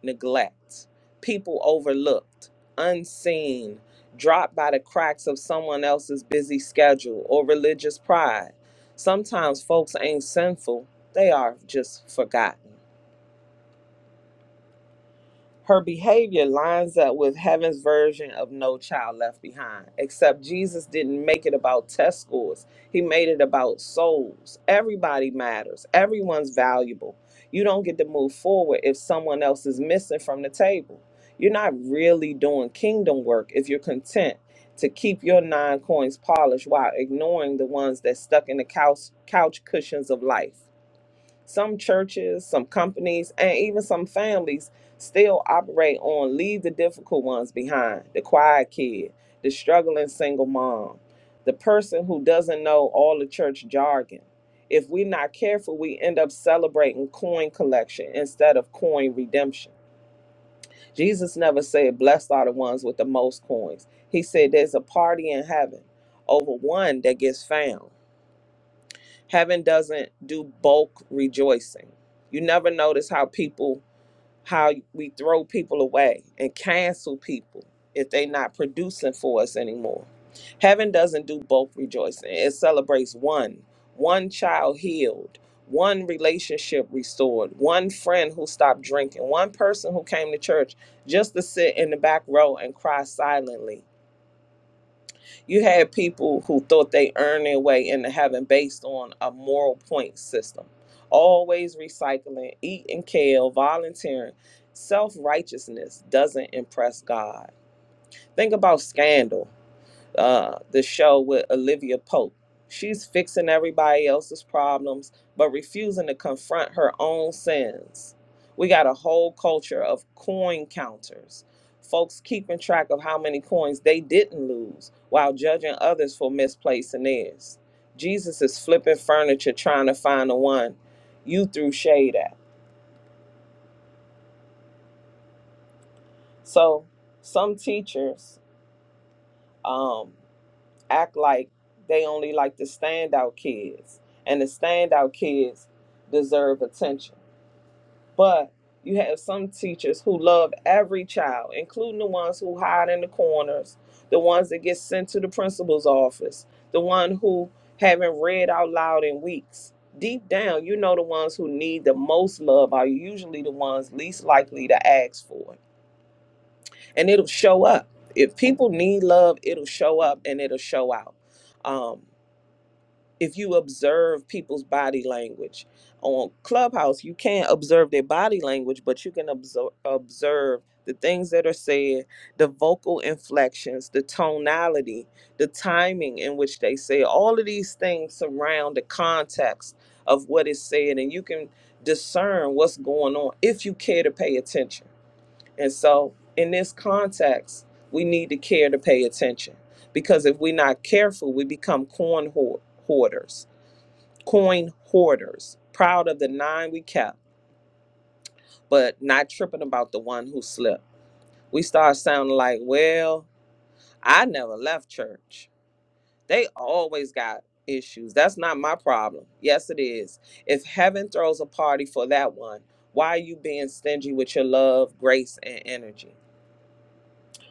Speaker 3: neglect. People overlooked, unseen, dropped by the cracks of someone else's busy schedule or religious pride. Sometimes folks ain't sinful, they are just forgotten. Her behavior lines up with heaven's version of no child left behind, except Jesus didn't make it about test scores. He made it about souls. Everybody matters, everyone's valuable. You don't get to move forward if someone else is missing from the table. You're not really doing kingdom work if you're content to keep your nine coins polished while ignoring the ones that stuck in the couch, couch cushions of life. Some churches, some companies, and even some families still operate on leave the difficult ones behind the quiet kid, the struggling single mom, the person who doesn't know all the church jargon. If we're not careful, we end up celebrating coin collection instead of coin redemption. Jesus never said, Blessed are the ones with the most coins. He said, There's a party in heaven over one that gets found heaven doesn't do bulk rejoicing. You never notice how people how we throw people away and cancel people if they're not producing for us anymore. Heaven doesn't do bulk rejoicing. It celebrates one, one child healed, one relationship restored, one friend who stopped drinking, one person who came to church just to sit in the back row and cry silently you had people who thought they earned their way into heaven based on a moral point system, always recycling, eating kale, volunteering. Self righteousness doesn't impress God. Think about scandal uh, the show with Olivia Pope. She's fixing everybody else's problems, but refusing to confront her own sins. We got a whole culture of coin counters, folks keeping track of how many coins they didn't lose while judging others for misplacing theirs. Jesus is flipping furniture trying to find the one you threw shade at. So, some teachers, um, act like they only like the standout kids, and the standout kids deserve attention. But you have some teachers who love every child, including the ones who hide in the corners, the ones that get sent to the principal's office, the one who haven't read out loud in weeks. Deep down, you know the ones who need the most love are usually the ones least likely to ask for it. And it'll show up. If people need love, it'll show up and it'll show out Um if you observe people's body language on clubhouse you can't observe their body language but you can observe, observe the things that are said the vocal inflections the tonality the timing in which they say all of these things surround the context of what is said and you can discern what's going on if you care to pay attention and so in this context we need to care to pay attention because if we're not careful we become corn hoard- hoarders coin hoarders, proud of the nine we kept, but not tripping about the one who slipped. We start sounding like, well, I never left church. They always got issues. That's not my problem. Yes, it is. If heaven throws a party for that one, why are you being stingy with your love, grace, and energy?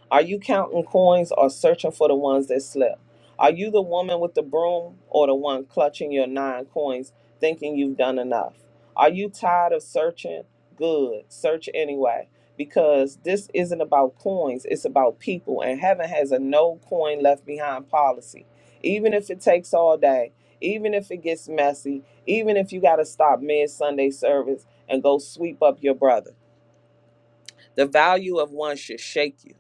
Speaker 3: Are you counting coins or searching for the ones that slipped? Are you the woman with the broom or the one clutching your nine coins thinking you've done enough? Are you tired of searching? Good, search anyway. Because this isn't about coins, it's about people, and heaven has a no coin left behind policy. Even if it takes all day, even if it gets messy, even if you got to stop mid Sunday service and go sweep up your brother. The value of one should shake you.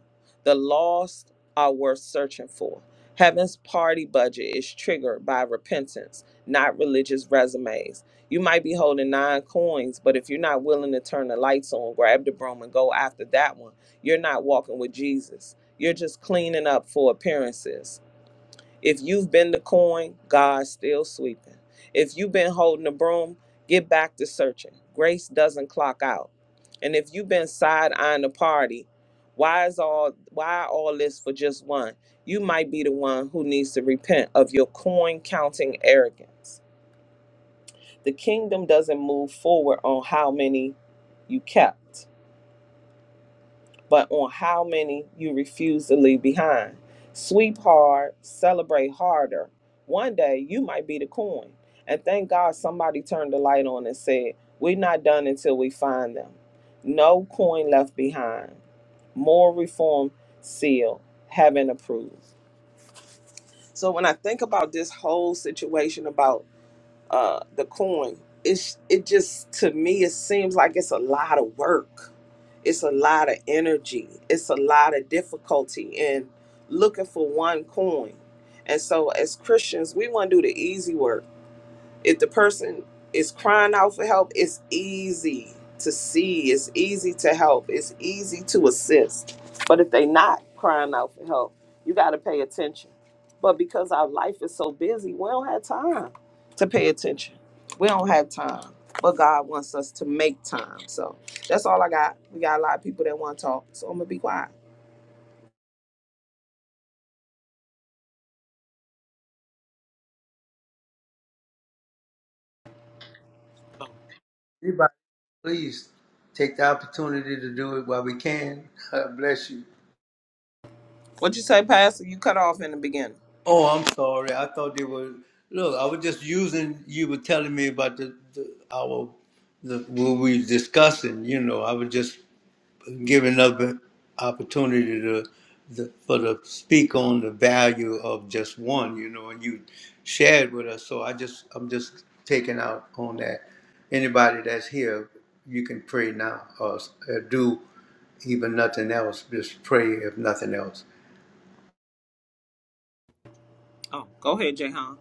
Speaker 3: The lost are worth searching for. Heaven's party budget is triggered by repentance, not religious resumes. You might be holding nine coins, but if you're not willing to turn the lights on, grab the broom, and go after that one, you're not walking with Jesus. You're just cleaning up for appearances. If you've been the coin, God's still sweeping. If you've been holding the broom, get back to searching. Grace doesn't clock out. And if you've been side eyeing the party, why is all why all this for just one? You might be the one who needs to repent of your coin counting arrogance. The kingdom doesn't move forward on how many you kept but on how many you refuse to leave behind. Sweep hard, celebrate harder. One day you might be the coin. And thank God somebody turned the light on and said, We're not done until we find them. No coin left behind. More reform sealed, having approved. So when I think about this whole situation about uh, the coin. It's it just to me it seems like it's a lot of work. It's a lot of energy. It's a lot of difficulty in looking for one coin. And so as Christians, we want to do the easy work if the person is crying out for help, it's easy to see, it's easy to help, it's easy to assist. But if they not crying out for help, you got to pay attention. But because our life is so busy, we don't have time to pay attention. We don't have time. But God wants us to make time. So that's all I got. We got a lot of people that want to talk. So I'm going to be quiet.
Speaker 1: Anybody, please take the opportunity to do it while we can. God bless you.
Speaker 3: What'd you say, Pastor? You cut off in the beginning.
Speaker 1: Oh, I'm sorry. I thought they were. Look, I was just using. You were telling me about the, the our the what we were discussing. You know, I was just giving up an opportunity to the, for to speak on the value of just one, you know, and you shared with us. So I just I'm just taking out on that. Anybody that's here, you can pray now or s- uh, do even nothing else. Just pray if nothing else.
Speaker 3: Oh, go ahead, Jayhan.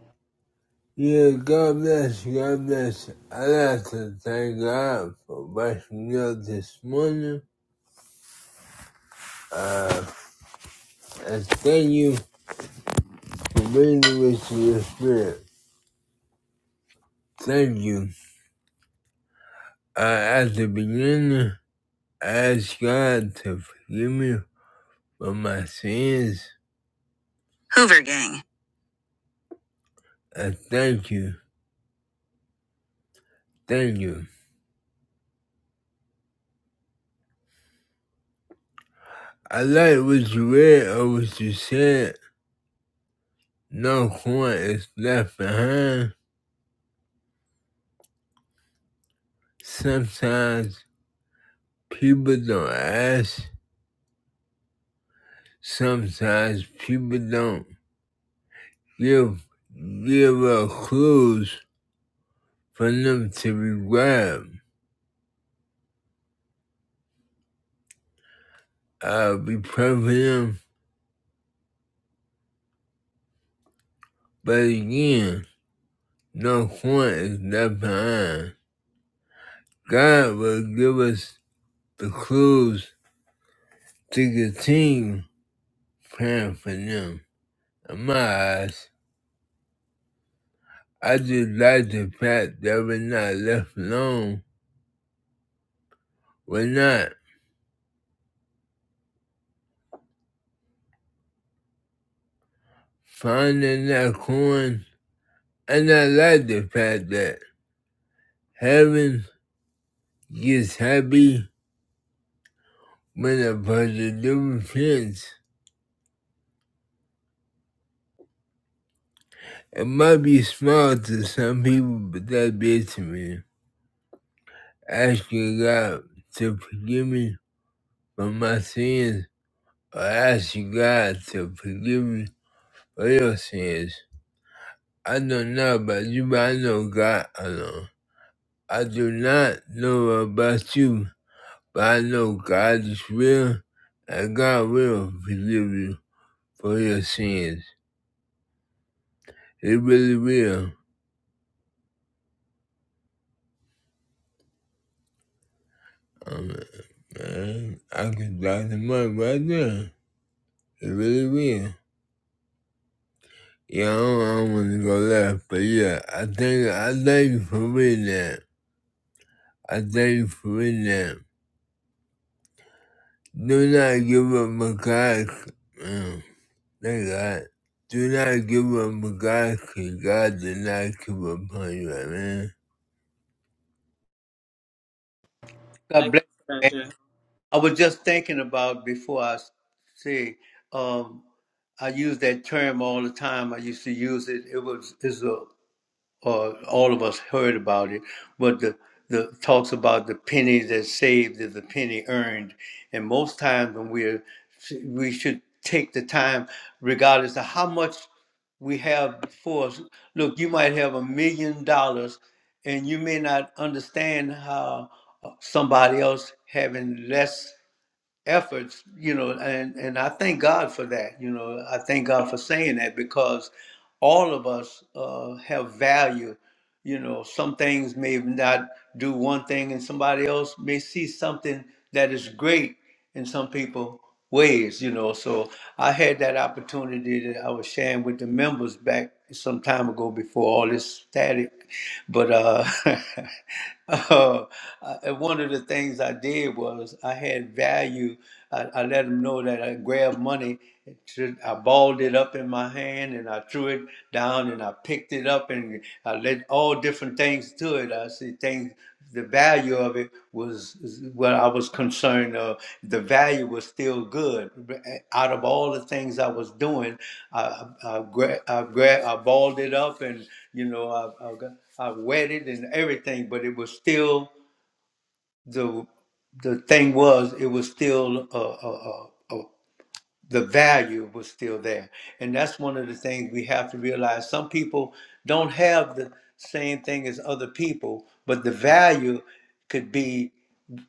Speaker 2: Yeah, God bless you, God bless you. I like to thank God for waking me up this morning and thank you for being with your spirit. Thank you. Uh, at the beginning, I asked God to forgive me for my sins. Hoover Gang. Uh, thank you, thank you. I like what you read or what you said. No coin is left behind. Sometimes people don't ask. Sometimes people don't give give out clues for them to be grabbed. I'll be praying for them, but again, no coin is left behind. God will give us the clues to continue praying for them. In my eyes. I just like the fact that we're not left alone. We're not finding that coin. And I like the fact that heaven gets happy when a person do repents. It might be small to some people, but that's big to me. Asking God to forgive me for my sins, or asking God to forgive me for your sins. I don't know about you, but I know God alone. I do not know about you, but I know God is real, and God will forgive you for your sins. He really will. Um, man, I could die tomorrow right there. He really will. Yeah, I don't, I don't want to go left, but yeah, I thank, I thank you for reading that. I thank you for reading that. Do not give up my God. Um, They got, do not give up on God, 'cause God did not give up on you, amen.
Speaker 1: God
Speaker 3: Thank you
Speaker 1: bless. you,
Speaker 3: for
Speaker 1: man.
Speaker 3: that,
Speaker 1: I was just thinking about before I s- say. Um, I use that term all the time. I used to use it. It was is a or all of us heard about it, but the the talks about the penny that's saved is the penny earned, and most times when we're we should take the time, regardless of how much we have before us. Look, you might have a million dollars, and you may not understand how uh, somebody else having less efforts, you know, and and I thank God for that. You know, I thank God for saying that because all of us uh, have value you know some things may not do one thing and somebody else may see something that is great in some people ways you know so i had that opportunity that i was sharing with the members back some time ago before all this static but uh, uh I- one of the things i did was i had value i, I let them know that i grabbed money it I balled it up in my hand and I threw it down and I picked it up and I let all different things to it. I see things, the value of it was is what I was concerned of. The value was still good. Out of all the things I was doing, I, I, I, gra- I, gra- I balled it up and, you know, I, I, got, I wet it and everything, but it was still the the thing was, it was still a, a, a, the value was still there. And that's one of the things we have to realize. Some people don't have the same thing as other people, but the value could be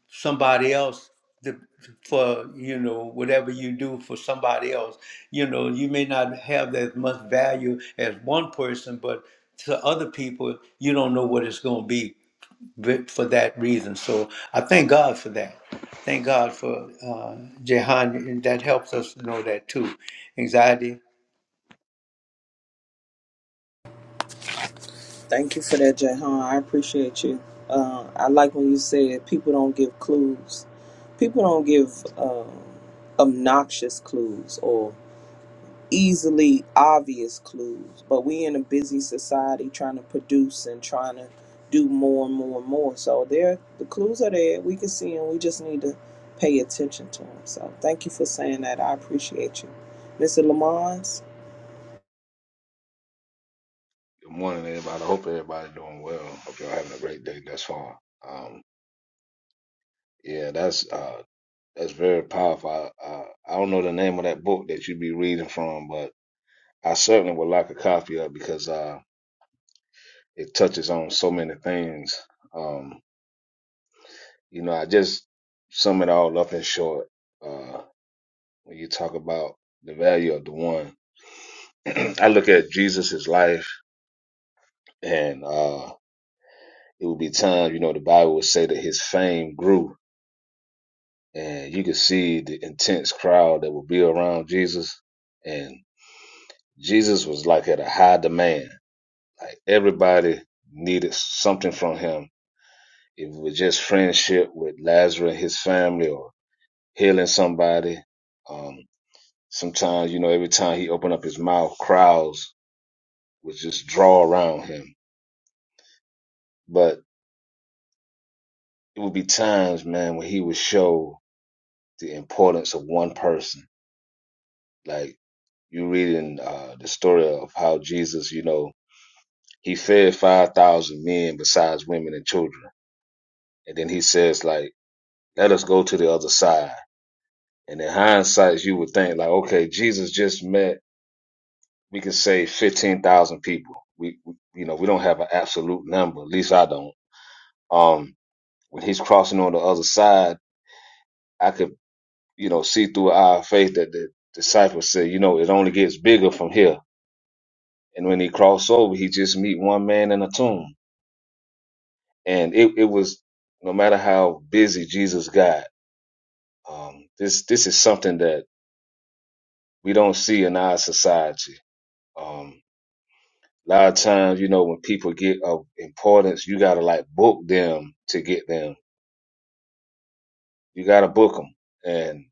Speaker 1: somebody else the, for, you know, whatever you do for somebody else. You know, you may not have as much value as one person, but to other people, you don't know what it's going to be with- for that reason. So I thank God for that. Thank God for uh, Jehan, and that helps us to know that too. Anxiety.
Speaker 3: Thank you for that, Jahan. I appreciate you. Uh, I like when you said people don't give clues. People don't give um, obnoxious clues or easily obvious clues. But we in a busy society trying to produce and trying to do more and more and more. So there, the clues are there. We can see them. We just need to pay attention to them. So thank you for saying that. I appreciate you, Mr. Lamons.
Speaker 5: Good morning, everybody. I hope everybody doing well. Hope y'all having a great day thus far. Um, yeah, that's uh, that's very powerful. I, uh, I don't know the name of that book that you be reading from, but I certainly would like a copy of it because uh, it touches on so many things. Um, you know, I just sum it all up in short. Uh, when you talk about the value of the one, I look at Jesus's life, and uh, it would be times, you know, the Bible would say that his fame grew and you could see the intense crowd that would be around Jesus. And Jesus was like at a high demand. Like everybody needed something from him. If it was just friendship with Lazarus and his family or healing somebody. Um, sometimes, you know, every time he opened up his mouth, crowds would just draw around him. But it would be times, man, when he would show the importance of one person. Like you read in uh, the story of how Jesus, you know, He fed five thousand men besides women and children. And then he says, like, let us go to the other side. And in hindsight, you would think like, okay, Jesus just met, we can save fifteen thousand people. We, we you know, we don't have an absolute number. At least I don't. Um, when he's crossing on the other side, I could, you know, see through our faith that the disciples said, you know, it only gets bigger from here. And when he crossed over, he just meet one man in a tomb. And it, it was no matter how busy Jesus got, Um, this this is something that we don't see in our society. Um, a lot of times, you know, when people get of importance, you gotta like book them to get them. You gotta book them. And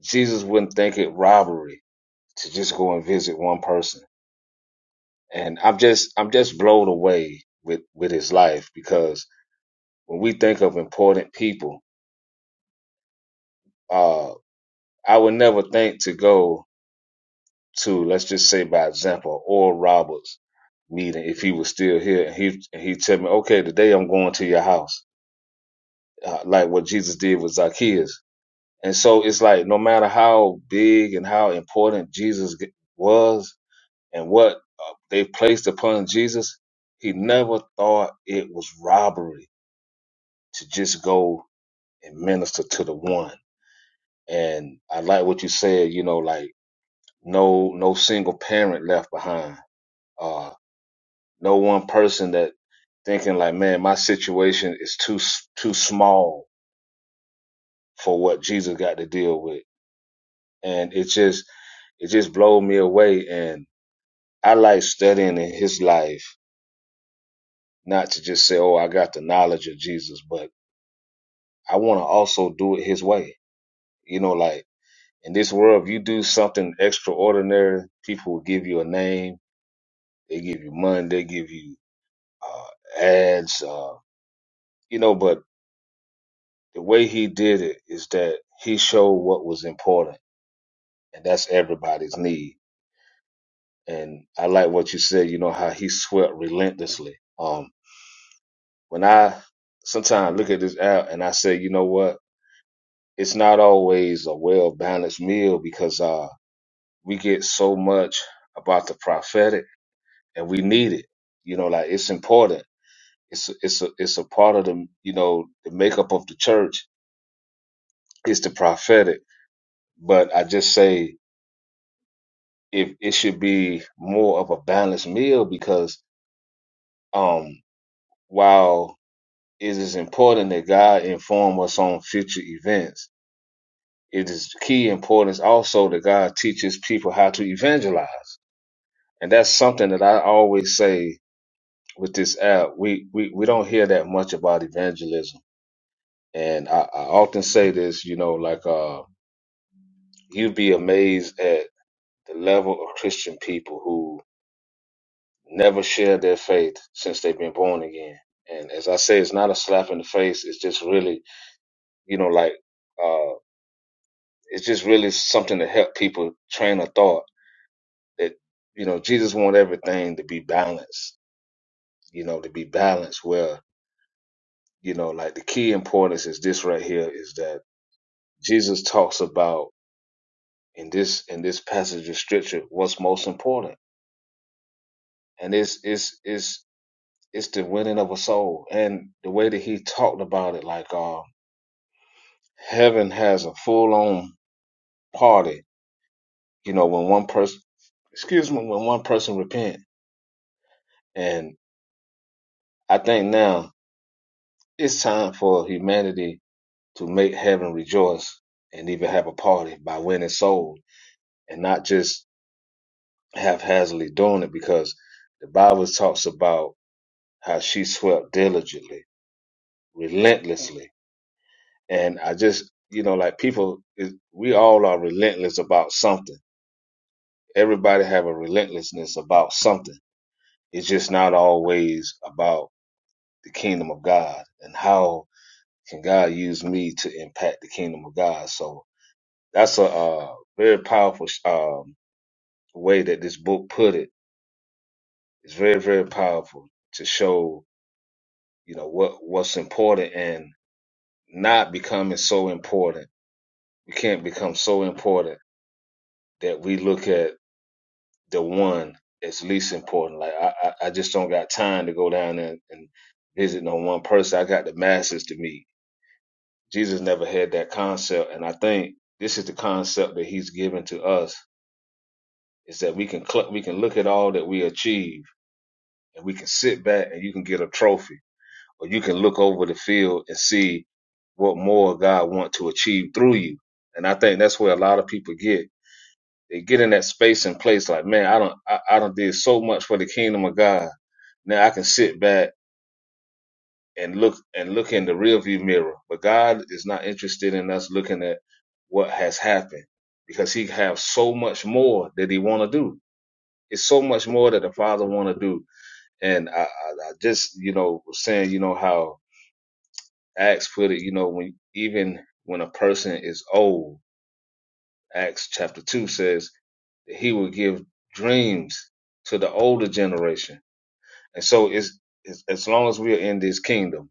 Speaker 5: Jesus wouldn't think it robbery to just go and visit one person. And I'm just I'm just blown away with with his life because when we think of important people, uh, I would never think to go. to let's just say by example Oral Roberts meeting if he was still here and he and he tell me okay today I'm going to your house uh, like what Jesus did with Zacchaeus and so it's like no matter how big and how important Jesus g- was and what uh, they placed upon Jesus he never thought it was robbery to just go and minister to the one and I like what you said you know like no no single parent left behind uh, No one person that thinking like, man, my situation is too too small for what Jesus got to deal with, and it just it just blows me away. And I like studying in His life, not to just say, oh, I got the knowledge of Jesus, but I want to also do it His way. You know, like in this world, if you do something extraordinary, people will give you a name, they give you money, they give you uh, ads, uh, you know, but the way he did it is that he showed what was important, and that's everybody's need. And I like what you said. You know how he swept relentlessly. Um, when I sometimes look at this app and I say, you know what, it's not always a well balanced meal because uh, we get so much about the prophetic, and we need it. You know, like it's important. It's a, it's a it's a part of the you know the makeup of the church is the prophetic. But I just say if it should be more of a balanced meal because um while it is important that God inform us on future events, it is key importance also that God teaches people how to evangelize. And that's something that I always say with this app. We we, we don't hear that much about evangelism. And I, I often say this, you know, like uh you'd be amazed at the level of Christian people who. never shared their faith since they've been born again. And as I say, it's not a slap in the face. It's just really, you know, like, uh, it's just really something to help people train a thought that, you know, Jesus wants everything to be balanced, you know, to be balanced where, you know, like the key importance is this right here is that Jesus talks about in this, in this passage of scripture, what's most important. And it's, it's, it's, it's the winning of a soul. And the way that he talked about it, like, um, heaven has a full on party, you know, when one person excuse me, when one person repent. And I think now it's time for humanity to make heaven rejoice and even have a party by winning souls and not just haphazardly doing it because the Bible talks about how she swept diligently, relentlessly. And I just, you know, like people, is- we all are relentless about something. Everybody have a relentlessness about something It's just not always about the kingdom of God and how can God use me to impact the kingdom of God. So that's a uh, very powerful um, way that this book put it. It's very very powerful to show you know what what's important and not becoming so important. We can't become so important that we look at the one as least important. Like I, I I just don't got time to go down there and visit no one person. I got the masses to meet. Jesus never had that concept, and I think this is the concept that He's given to us: is that we can cl- we can look at all that we achieve, and we can sit back and you can get a trophy, or you can look over the field and see what more God want to achieve through you. And I think that's where a lot of people get they get in that space and place like, man, I don't I, I don't did so much for the kingdom of God. Now I can sit back and look and look in the rearview mirror. But God is not interested in us looking at what has happened because he have so much more that he want to do. It's so much more that the father want to do. And I, I, I just, you know, was saying, you know, how Acts put it, you know, when even when a person is old, Acts chapter two says that he will give dreams to the older generation. And so it's, it's as long as we are in this kingdom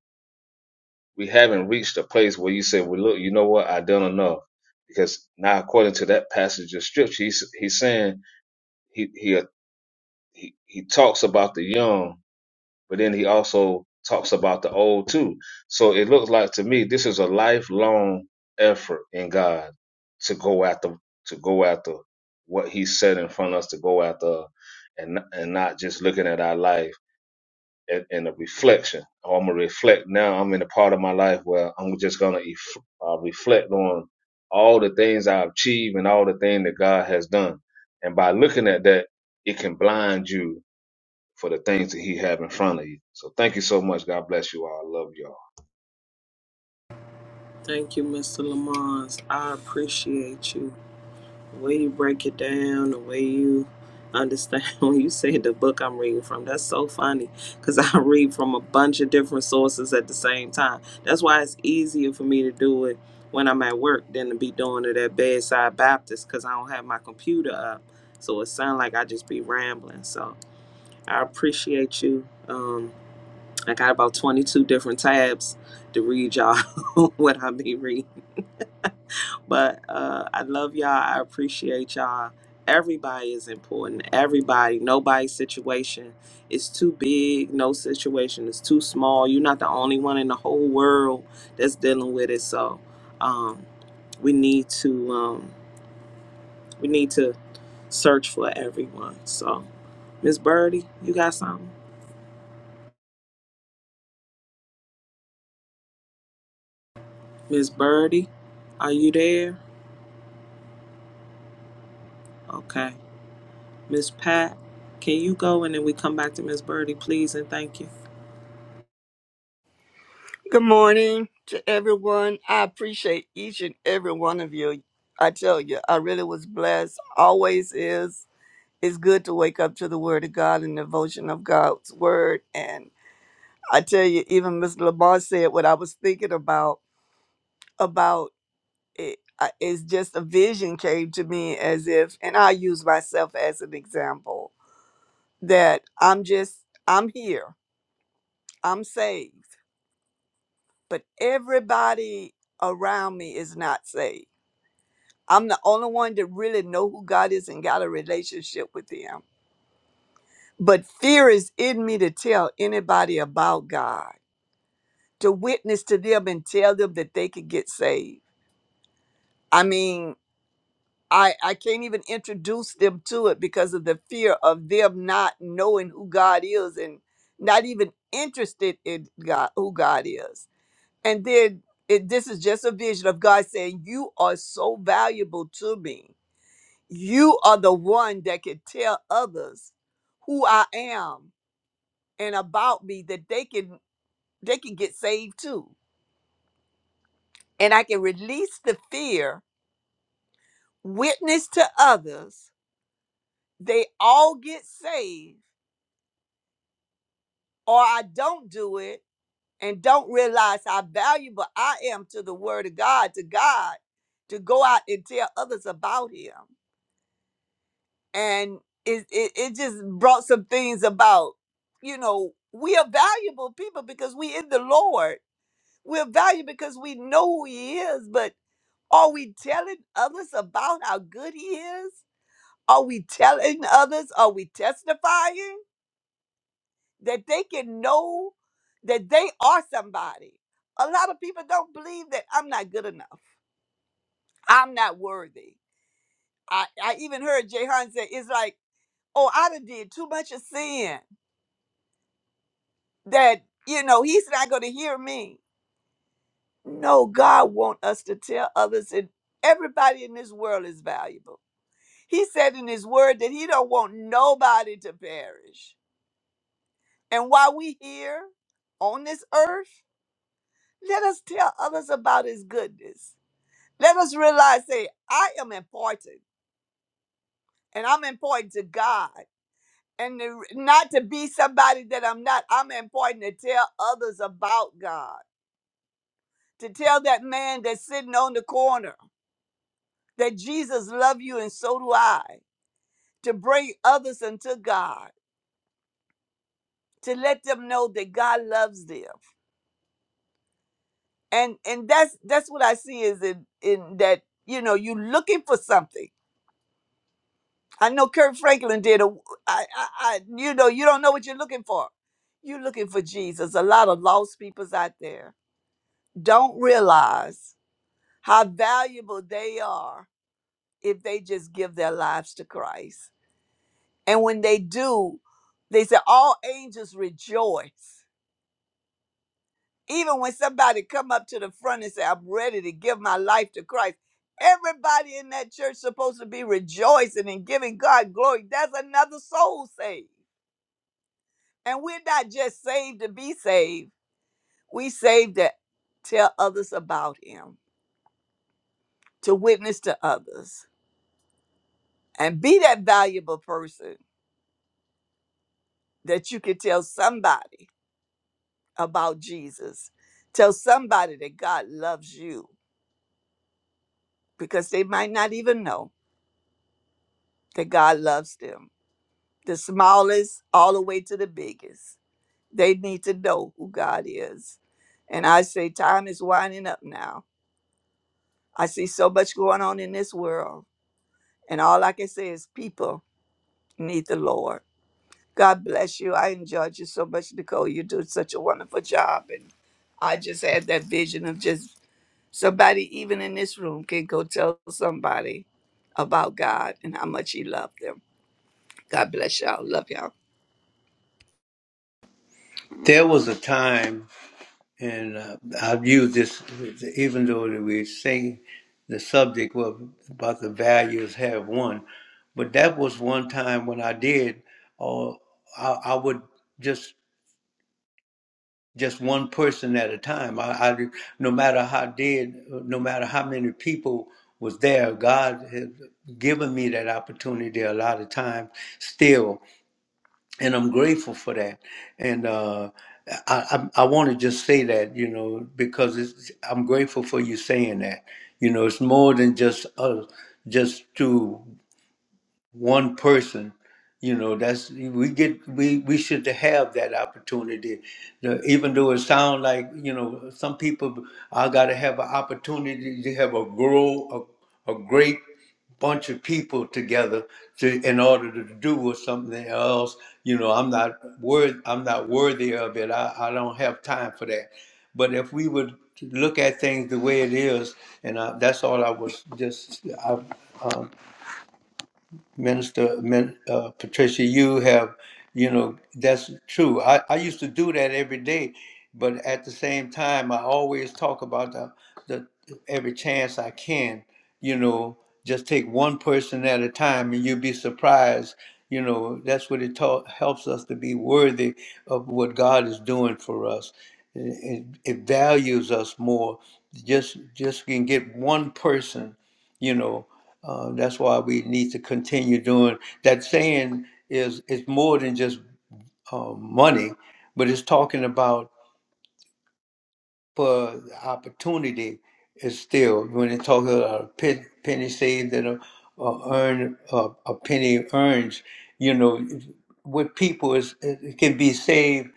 Speaker 5: we haven't reached a place where you say, well, look, you know what? i done enough. Because now, according to that passage of scripture, he's, he's saying he, he, uh, he, he talks about the young, but then he also talks about the old too. So it looks like to me, this is a lifelong effort in God to go after, to go after what he set in front of us to go after and, and not just looking at our life and, and a reflection. Oh, I'm gonna reflect now. I'm in a part of my life where I'm just gonna ef- uh, reflect on all the things I achieved and all the things that God has done. And by looking at that, it can blind you for the things that He have in front of you. So thank you so much. God bless you all. I love y'all.
Speaker 3: Thank you, Mr. Lamons. I appreciate you. The way you break it down, the way you understand when you say the book I'm reading from, that's so funny because I read from a bunch of different sources at the same time. That's why it's easier for me to do it when I'm at work than to be doing it at Bedside Baptist because I don't have my computer up. So it sounds like I just be rambling. So I appreciate you. Um, I got about 22 different tabs to read y'all what I be reading. But uh, I love y'all. I appreciate y'all. Everybody is important. Everybody, nobody's situation is too big. No situation is too small. You're not the only one in the whole world that's dealing with it. So um, we need to um, we need to search for everyone. So Miss Birdie, you got something? Miss Birdie, are you there? Okay. Miss Pat, can you go and then we come back to Miss Birdie, please and thank you.
Speaker 6: Good morning to everyone. I appreciate each and every one of you. I tell you, I really was blessed. Always is. It's good to wake up to the Word of God and devotion of God's Word. And I tell you, even Mr. Lamar said what I was thinking about. About it, I- it's just a vision came to me as if, and I use myself as an example that I'm just I'm here, I'm saved, but everybody around me is not saved I'm the only one that really know who God is and got a relationship with him. But fear is in me to tell anybody about God, to witness to them and tell them that they could get saved. I mean, I, I can't even introduce them to it because of the fear of them not knowing who God is and not even interested in God who God is. And then it, this is just a vision of God saying, You are so valuable to me You are the one that can tell others who I am and about me that they can they can get saved too. And I can release the fear, witness to others, they all get saved, or I don't do it and don't realize how valuable I am to the word of God, to God, to go out and tell others about him. and it, it it just brought some things about. You know, we are valuable people because we in the Lord. We're valuable because we know who He is. But are we telling others about how good He is? Are we telling others? Are we testifying that they can know that they are somebody? A lot of people don't believe that I'm not good enough. I'm not worthy. I, I even heard Jay say, it's like, oh, I done did too much of sin. that you know he's not going to hear me no god wants us to tell others that everybody in this world is valuable he said in his word that he don't want nobody to perish and while we here on this earth let us tell others about his goodness let us realize say i am important and i'm important to god and to- not to be somebody that i'm not i'm important to tell others about god to tell that man that's sitting on the corner that Jesus loves you and so do I, to bring others unto God, to let them know that God loves them. And and that's that's what I see is in in that, you know, you looking for something. I know Kurt Franklin did a I I, I you know, you don't know what you're looking for. You're looking for Jesus. A lot of lost peoples out there don't realize how valuable they are if they just give their lives to Christ And when they do, they say all angels rejoice. Even when somebody come up to the front and say, I'm ready to give my life to Christ, everybody in that church supposed to be rejoicing and giving God glory. That's another soul saved. And we're not just saved to be saved. We saved to tell others about him, to witness to others, and be that valuable person that you can tell somebody about Jesus. Tell somebody that God loves you because they might not even know that God loves them. The smallest, all the way to the biggest, they need to know who God is. And I say, time is winding up now. I see so much going on in this world. And all I can say is, people need the Lord. God bless you. I enjoyed you so much, Nicole. You do such a wonderful job. And I just had that vision of just somebody, even in this room, can go tell somebody about God and how much He loved them. God bless y'all. Love y'all.
Speaker 1: There was a time, and uh, I've used this, even though that we sing the subject was about the values have one, but that was one time when I did, or I, I would just just one person at a time. I, I no matter how dead, no matter how many people was there, God has given me that opportunity a lot of times still, and I'm grateful for that. And uh, I I, I want to just say that you know because it's, I'm grateful for you saying that. You know, it's more than just us, just to one person you know that's we get we we should have that opportunity The- even though it sounds like you know some people i gotta have an opportunity to have a grow a, a great bunch of people together to in order to do with something else you know i'm not worth i'm not worthy of it I, I don't have time for that but if we would look at things the way it is and I, that's all i was just I, um, Minister Min, uh, Patricia, you have, you know, that's true. I, I used to do that every day, but at the same time, I always talk about the, the every chance I can, you know, just take one person at a time and you'd be surprised. You know, that's what it taught, helps us to be worthy of what God is doing for us. It, it, it values us more. Just just can get one person, you know, uh, that's why we need to continue doing that. Saying is it's more than just uh, money, but it's talking about for opportunity. Is still when it talks about a pe- penny saved and a, a earn a, a penny earns. You know, with people is it it can be saved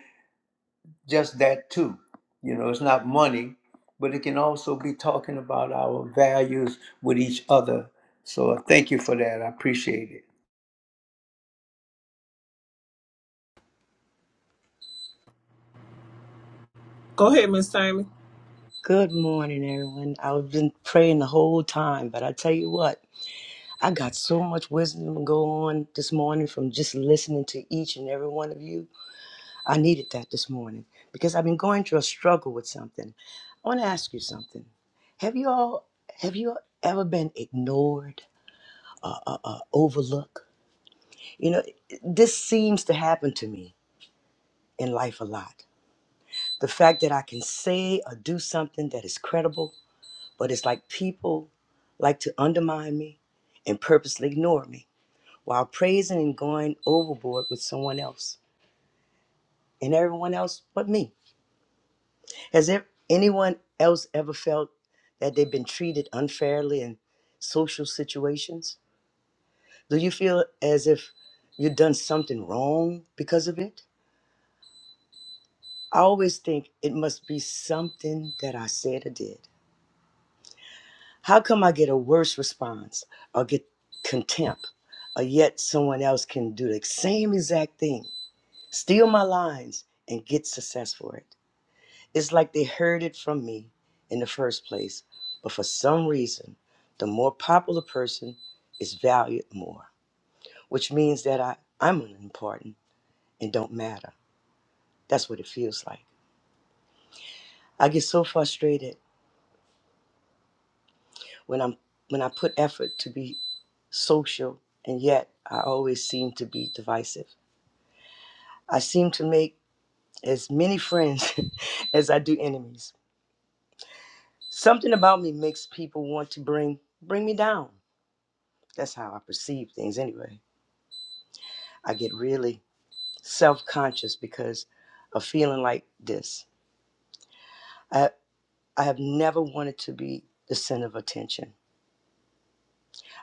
Speaker 1: just that too. You know, it's not money, but it can also be talking about our values with each other. So thank you for that. I appreciate it.
Speaker 3: Go ahead, Miss Tammy.
Speaker 4: Good morning, everyone. I've been praying the whole time, but I tell you what, I got so much wisdom to go on this morning from just listening to each and every one of you. I needed that this morning because I've been going through a struggle with something. I want to ask you something. Have you all have you ever been ignored or, or, or overlooked? You know, this seems to happen to me in life a lot. The fact that I can say or do something that is credible, but it's like people like to undermine me and purposely ignore me while praising and going overboard with someone else and everyone else but me. Has there anyone else ever felt that they've been treated unfairly in social situations? Do you feel as if you've done something wrong because of it? I always think it must be something that I said or did. How come I get a worse response or get contempt, or yet someone else can do the same exact thing, steal my lines, and get success for it? It's like they heard it from me in the first place, but for some reason, the more popular person is valued more, which means that I, I'm unimportant and don't matter. That's what it feels like. I get so frustrated when I'm when I put effort to be social and yet I always seem to be divisive. I seem to make as many friends as I do enemies. Something about me makes people want to bring bring me down. That's how I perceive things anyway. I get really self conscious because of feeling like this. I, I have never wanted to be the center of attention.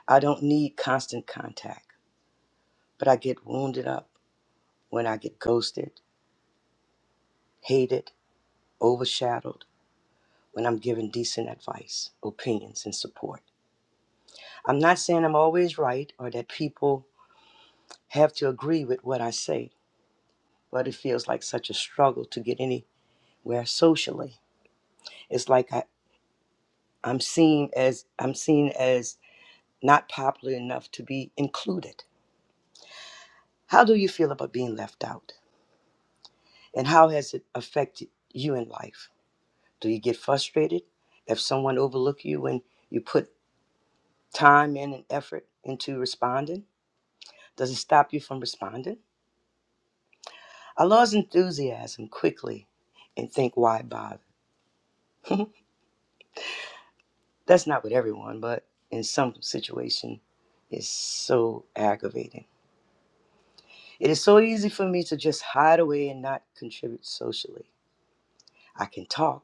Speaker 4: I don't need constant contact, but I get wounded up when I get ghosted, hated, overshadowed, when I'm given decent advice, opinions, and support. I'm not saying I'm always right or that people have to agree with what I say, but it feels like such a struggle to get anywhere socially. It's like I, I'm seen as I'm seen as not popular enough to be included. How do you feel about being left out? And how has it affected you in life? Do you get frustrated if someone overlook you when you put time in and effort into responding? Does it stop you from responding? I lost enthusiasm quickly and think why bother? That's not with everyone, but in some situation it's so aggravating. It is so easy for me to just hide away and not contribute socially. I can talk.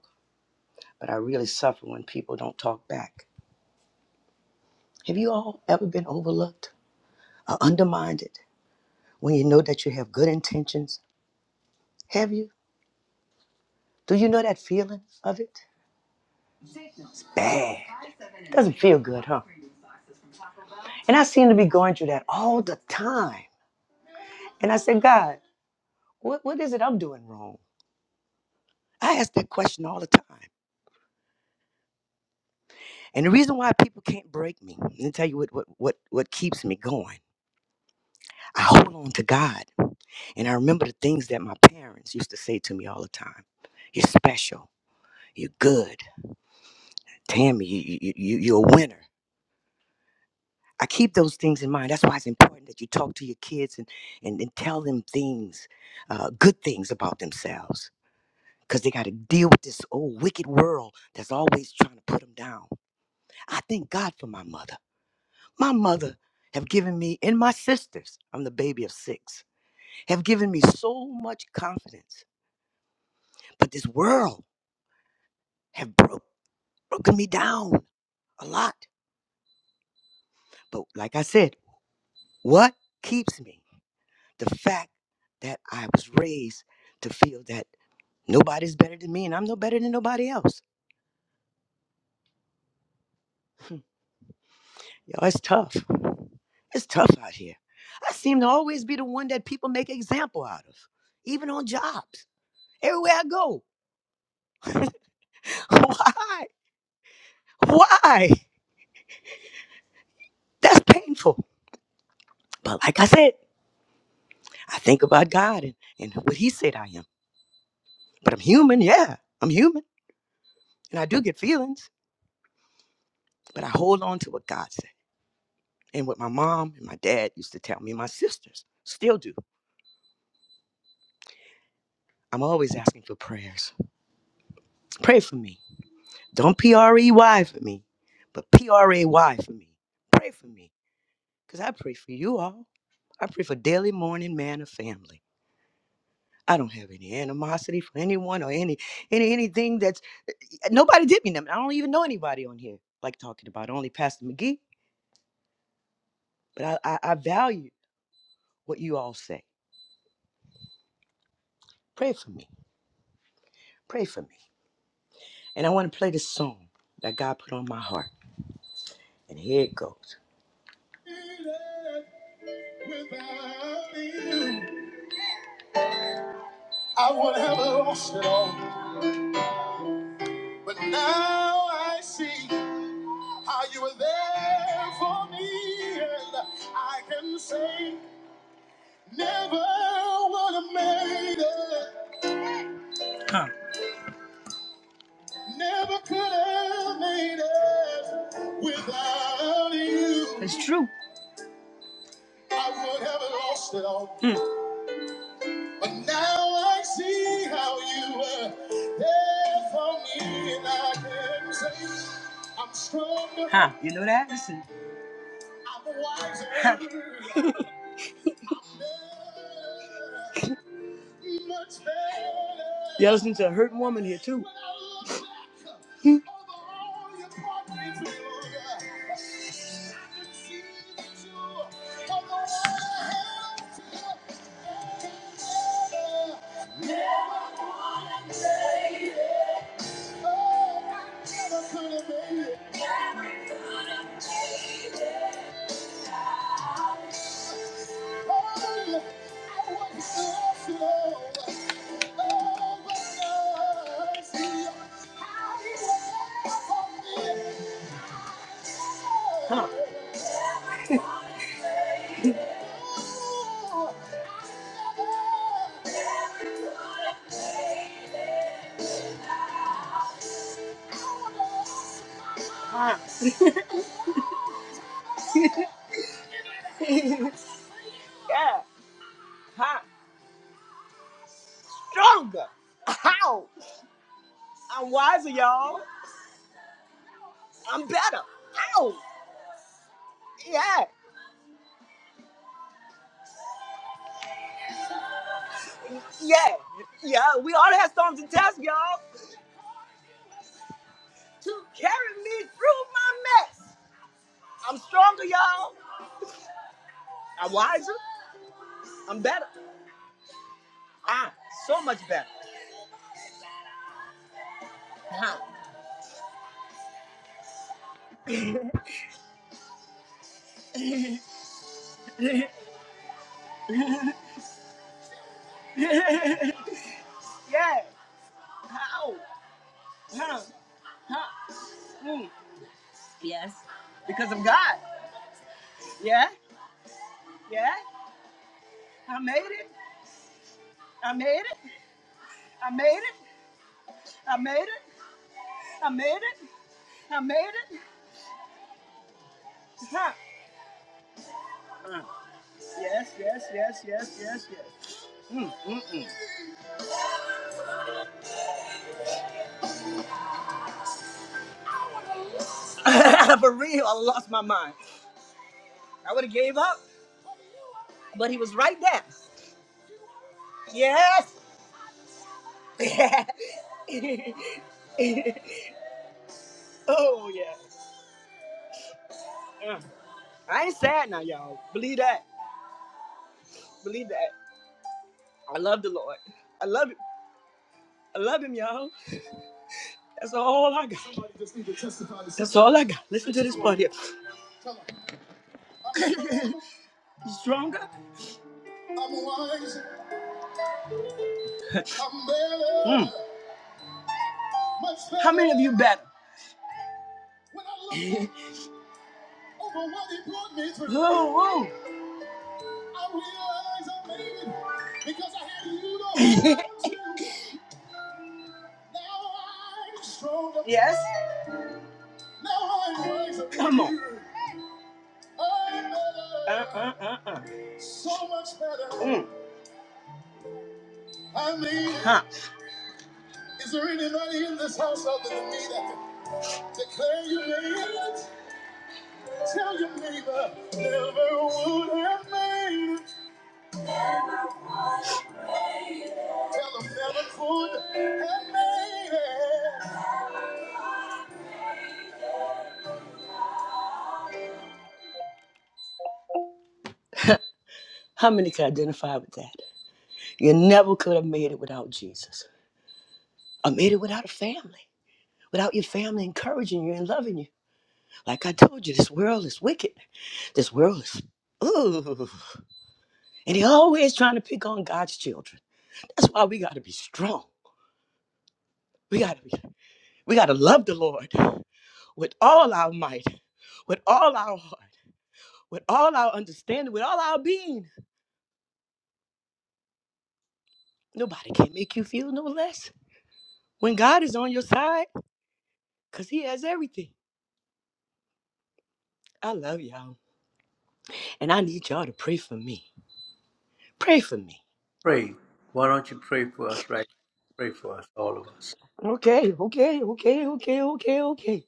Speaker 4: but I really suffer when people don't talk back. Have you all ever been overlooked or undermined when you know that you have good intentions? Have you? Do you know that feeling of it? It's bad. It Doesn't feel good, huh? And I seem to be going through that all the time. And I said, God, what, what is it I'm doing wrong? I ask that question all the time. And the reason why people can't break me, let me tell you what, what, what, what keeps me going. I hold on to God. And I remember the things that my parents used to say to me all the time. You're special. You're good. Tammy, you, you, you, you- are a winner. I keep those things in mind. That's why it's important that you talk to your kids and, and, and tell them things, uh, good things about themselves, because they got to deal with this old wicked world that's always trying to put them down. I thank God for my mother. My mother have given me, and my sisters, I'm the baby of six, have given me so much confidence. But this world have broken. broken me down a lot. But like I said, what keeps me? The fact that I was raised to feel that nobody's better than me and I'm no better than nobody else. Yo, it's tough. It's tough out here. I seem to always be the one that people make an example out of, even on jobs. Everywhere I go. Why? Why? That's painful. But like I said, I think about God and, and what He said I am. But I'm human, yeah. I'm human. And I do get feelings But I hold on to what God said and what my mom and my dad used to tell me, and my sisters still do. I'm always asking for prayers. Pray for me. Don't P R E Y for me, but P R A Y for me. Pray for me because I pray for you all. I pray for daily morning man of family. I don't have any animosity for anyone or any any anything that's nobody did me. I don't even know anybody on here like talking about only Pastor McGee. But I, I, I value what you all say. Pray for me. Pray for me. And I want to play this song that God put on my heart. And here it goes. Even Without you, I would have lost it all. But now I see how you were there for me. And I can say, never would have made it. Come. Never could have made it without you. It's true. I would have lost it all. Mm. But now I see how you were there for me, and I can say I'm stronger. Huh? You know that? Listen. I'm wiser. Huh. Y'all listening to a hurt woman here too. Hmm. Come on. yeah. Huh? Stronger. How? I'm wiser, y'all. I'm better. Ow! Yeah, yeah, yeah. We all had storms and tests, y'all, to carry me through my mouth. Huh? Mm. Yes, because of God. Yeah, yeah. I made it. I made it. I made it. I made it. I made it. I made it. Huh? Yes, yes, yes, yes, yes, yes. For real, I lost my mind. I would have gave up. but he was right there. Yes. oh yeah. Uh, I ain't sad now, y'all. Believe that. Believe that. I love the Lord. I love him. I love him, y'all. That's all I got. That's all I got. Listen to this part here. Mm. How many? Oh. Yes. Come on. Uh, uh, uh, uh. So much better. Mm. I mean, huh. is there anybody in this house other than me that can declare you made it? Tell your neighbor, never would have made it. Tell them never could have made it. How many can identify with that? You never could have made it without Jesus. I made it without a family, without your family encouraging you and loving you. Like I told you, this world is wicked. This world is, ooh. And they're always trying to pick on God's children. That's why we got to be strong. We got to be, we got to love the Lord with all our might, with all our heart, with all our understanding, with all our being. Nobody can make you feel no less when God is on your side because he has everything. I love y'all. And I need y'all to pray for me. Pray for me.
Speaker 1: pray. Why don't you pray for us right? now? Pray for us, all of us.
Speaker 4: Okay, okay, okay, okay, okay, okay.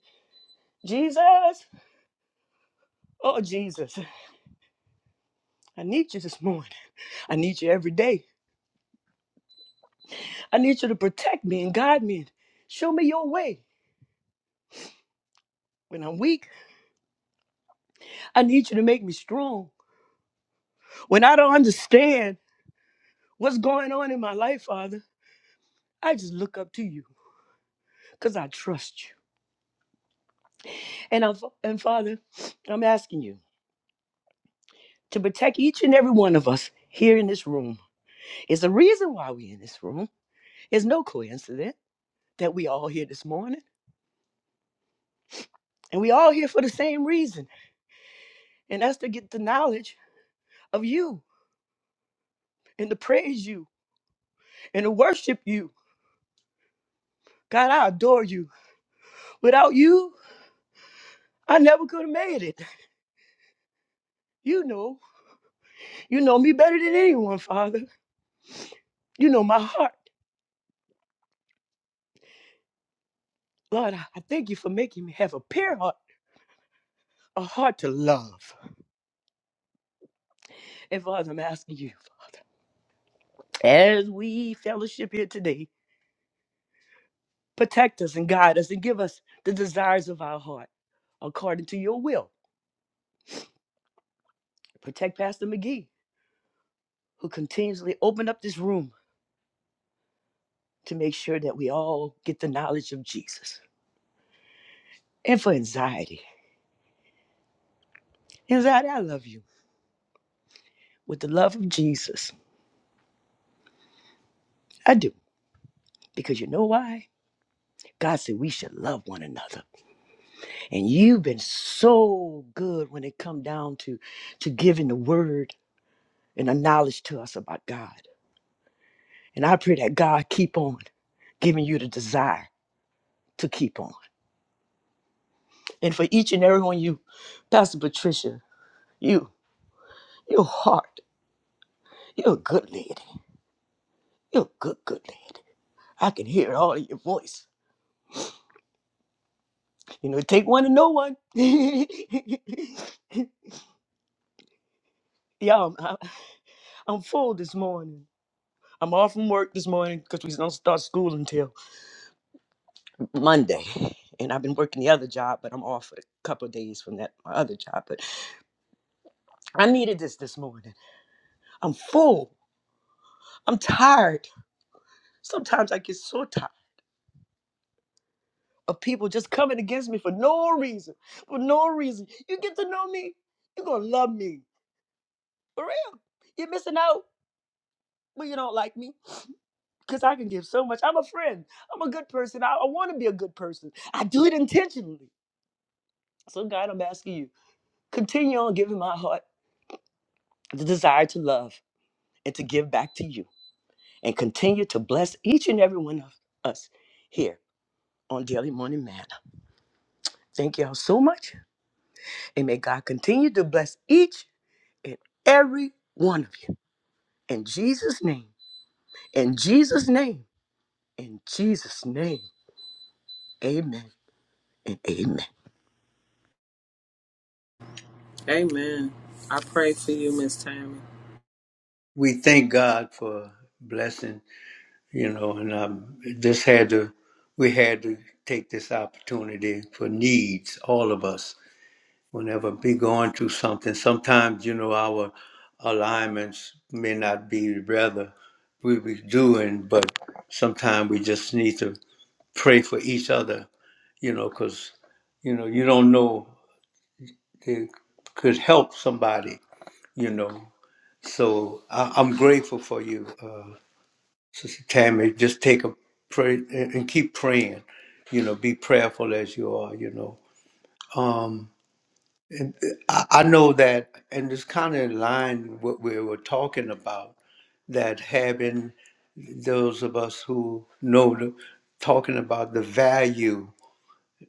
Speaker 4: Jesus. Oh, Jesus. I need you this morning. I need you every day. I need you to protect me and guide me. and Show me your way. When I'm weak, I need you to make me strong. When I don't understand what's going on in my life, Father, I just look up to you because I trust you. And, I'm, and Father, I'm asking you to protect each and every one of us here in this room. It's a reason why we're in this room. It's no coincidence that we all here this morning. And we all here for the same reason, and that's to get the knowledge of you and to praise you and to worship you. God, I adore you. Without you, I never could have made it. You know, you know me better than anyone, Father. You know my heart. Lord, I I thank you for making me have a pure heart, a heart to love. And Father, I'm asking you, Father, as we fellowship here today, protect us and guide us and give us the desires of our heart according to your will. Protect Pastor McGee, who continuously opened up this room to make sure that we all get the knowledge of Jesus and for anxiety. Anxiety, I love you with the love of Jesus. I do. Because you know why? God said we should love one another. And you've been so good when it come down to, to giving the word and the knowledge to us about God. And I pray that God keep on giving you the desire to keep on. And for each and every one of you, Pastor Patricia, you, your heart, you're a good lady. You're a good, good lady. I can hear it all in your voice. You know, it take one to know one. Yeah, I'm, I- I'm full this morning. I'm off from work this morning because we don't start school until Monday. And I've been working the other job, but I'm off for a couple of days from that my other job. But I needed this this morning. I'm full. I'm tired. Sometimes I get so tired of people just coming against me for no reason. For no reason. You get to know me, you're gonna love me. All right, you know me because I can give so much. I'm a friend. I'm a I want. I do you. Could heart the desire to love and to give back to you. and continue to bless each and every one of us here on Daily Morning Manna. Thank y'all so much. And may God continue to bless each and every one of you. In Jesus' name, in Jesus' name, in Jesus' name, amen and amen.
Speaker 3: Amen. I pray for you, Miss Tammy.
Speaker 1: We thank God for blessing, you know, and um, this had to, we had to take this opportunity for needs, all of us. Whenever we going through something, sometimes you know our alignments may not be rather we be doing, but sometimes we just need to pray for each other, you know, because you know you don't know it could help somebody, you know, So I, I'm grateful for you, uh, Sister Tammy. Just take a pray and, and keep praying. You know, be prayerful as you are. You know, um, and uh, I, I know that, and it's kind of in line with what we were talking about. That having those of us who know the, talking about the value.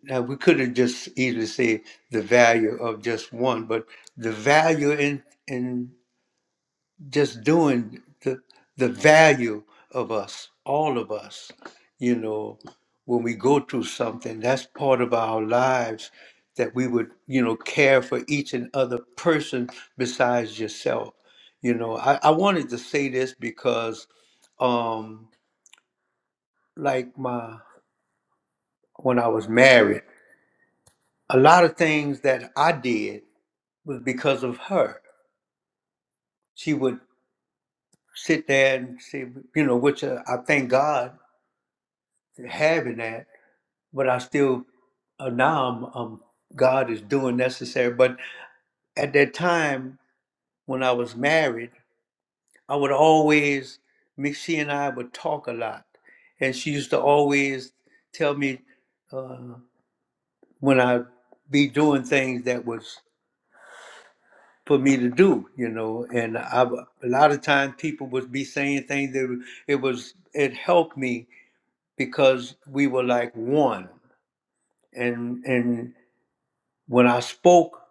Speaker 1: Now we could have just easily said the value of just one, but the value in in just doing the the value of us, all of us. You know, when we go through something, that's part of our lives that we would, you know, care for each and other person besides yourself. You know, I, I wanted to say this because um like my when I was married, a lot of things that I did was because of her. She would sit there and say, you know, which uh, I thank God for having that but I still uh, now I'm, um, God is doing necessary. But at that time when I was married, I would always me- she and I would talk a lot, and she used to always tell me uh, when I be doing things that was for me to do, you know. And I, w- a lot of times people would be saying things that w- it was it helped me because we were like one, and and. when I spoke,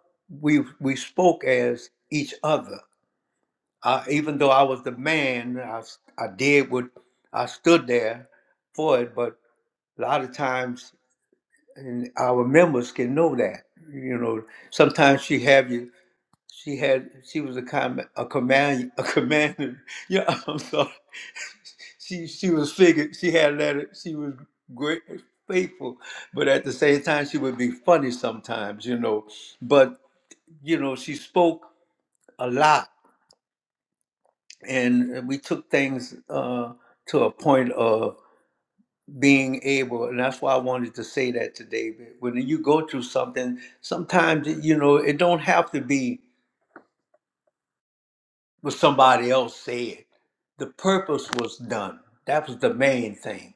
Speaker 1: we we spoke as each other. I, even though I was the man, I, s- I did what I stood there for it. But a lot of times, and our members can know that. You know, sometimes she have you. She had. She was a com- a command a commander. Yeah, I'm sorry. She she was figured. She had that. She was great, faithful, but at the same time, she would be funny sometimes. You know, but you know, she spoke a lot, and uh, we took things uh, to a point of being able, and that's why I wanted to say that to David. When you go through something, sometimes you know it don't have to be what somebody else said. The purpose was done. That was the main thing.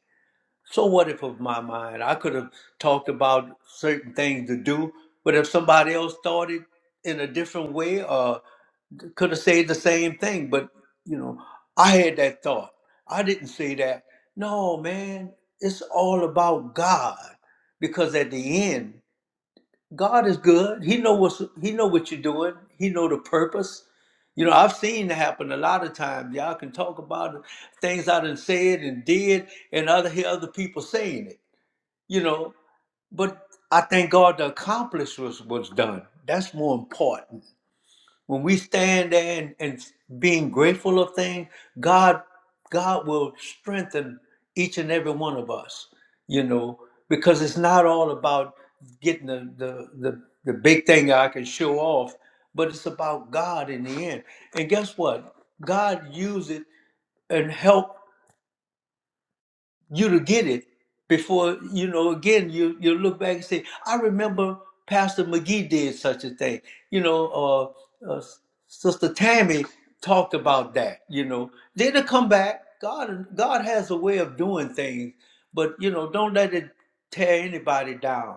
Speaker 1: So what if of my mind? I could have talked about certain things to do, but if somebody else thought it in a different way, or. could have said the same thing, but you know, I had that thought. I didn't say that. No, man, it's all about God. Because at the end, God is good. He know what's he know what you're doing. He know the purpose. You know, I've seen it happen a lot of times. Y'all can talk about it, things I done said and did, and other hear other people saying it. You know, but I thank God the accomplish was was done. That's more important when we stand there and, and being grateful of things, God, God will strengthen each and every one of us, you know, because it's not all about getting the, the, the, the big thing I can show off, but it's about God in the end. And guess what? God used it and helped you to get it before you know again you you look back and say i remember pastor mcgee did such a thing you know uh, uh sister tammy talked about that you know then to come back god god has a way of doing things but you know don't let it tear anybody down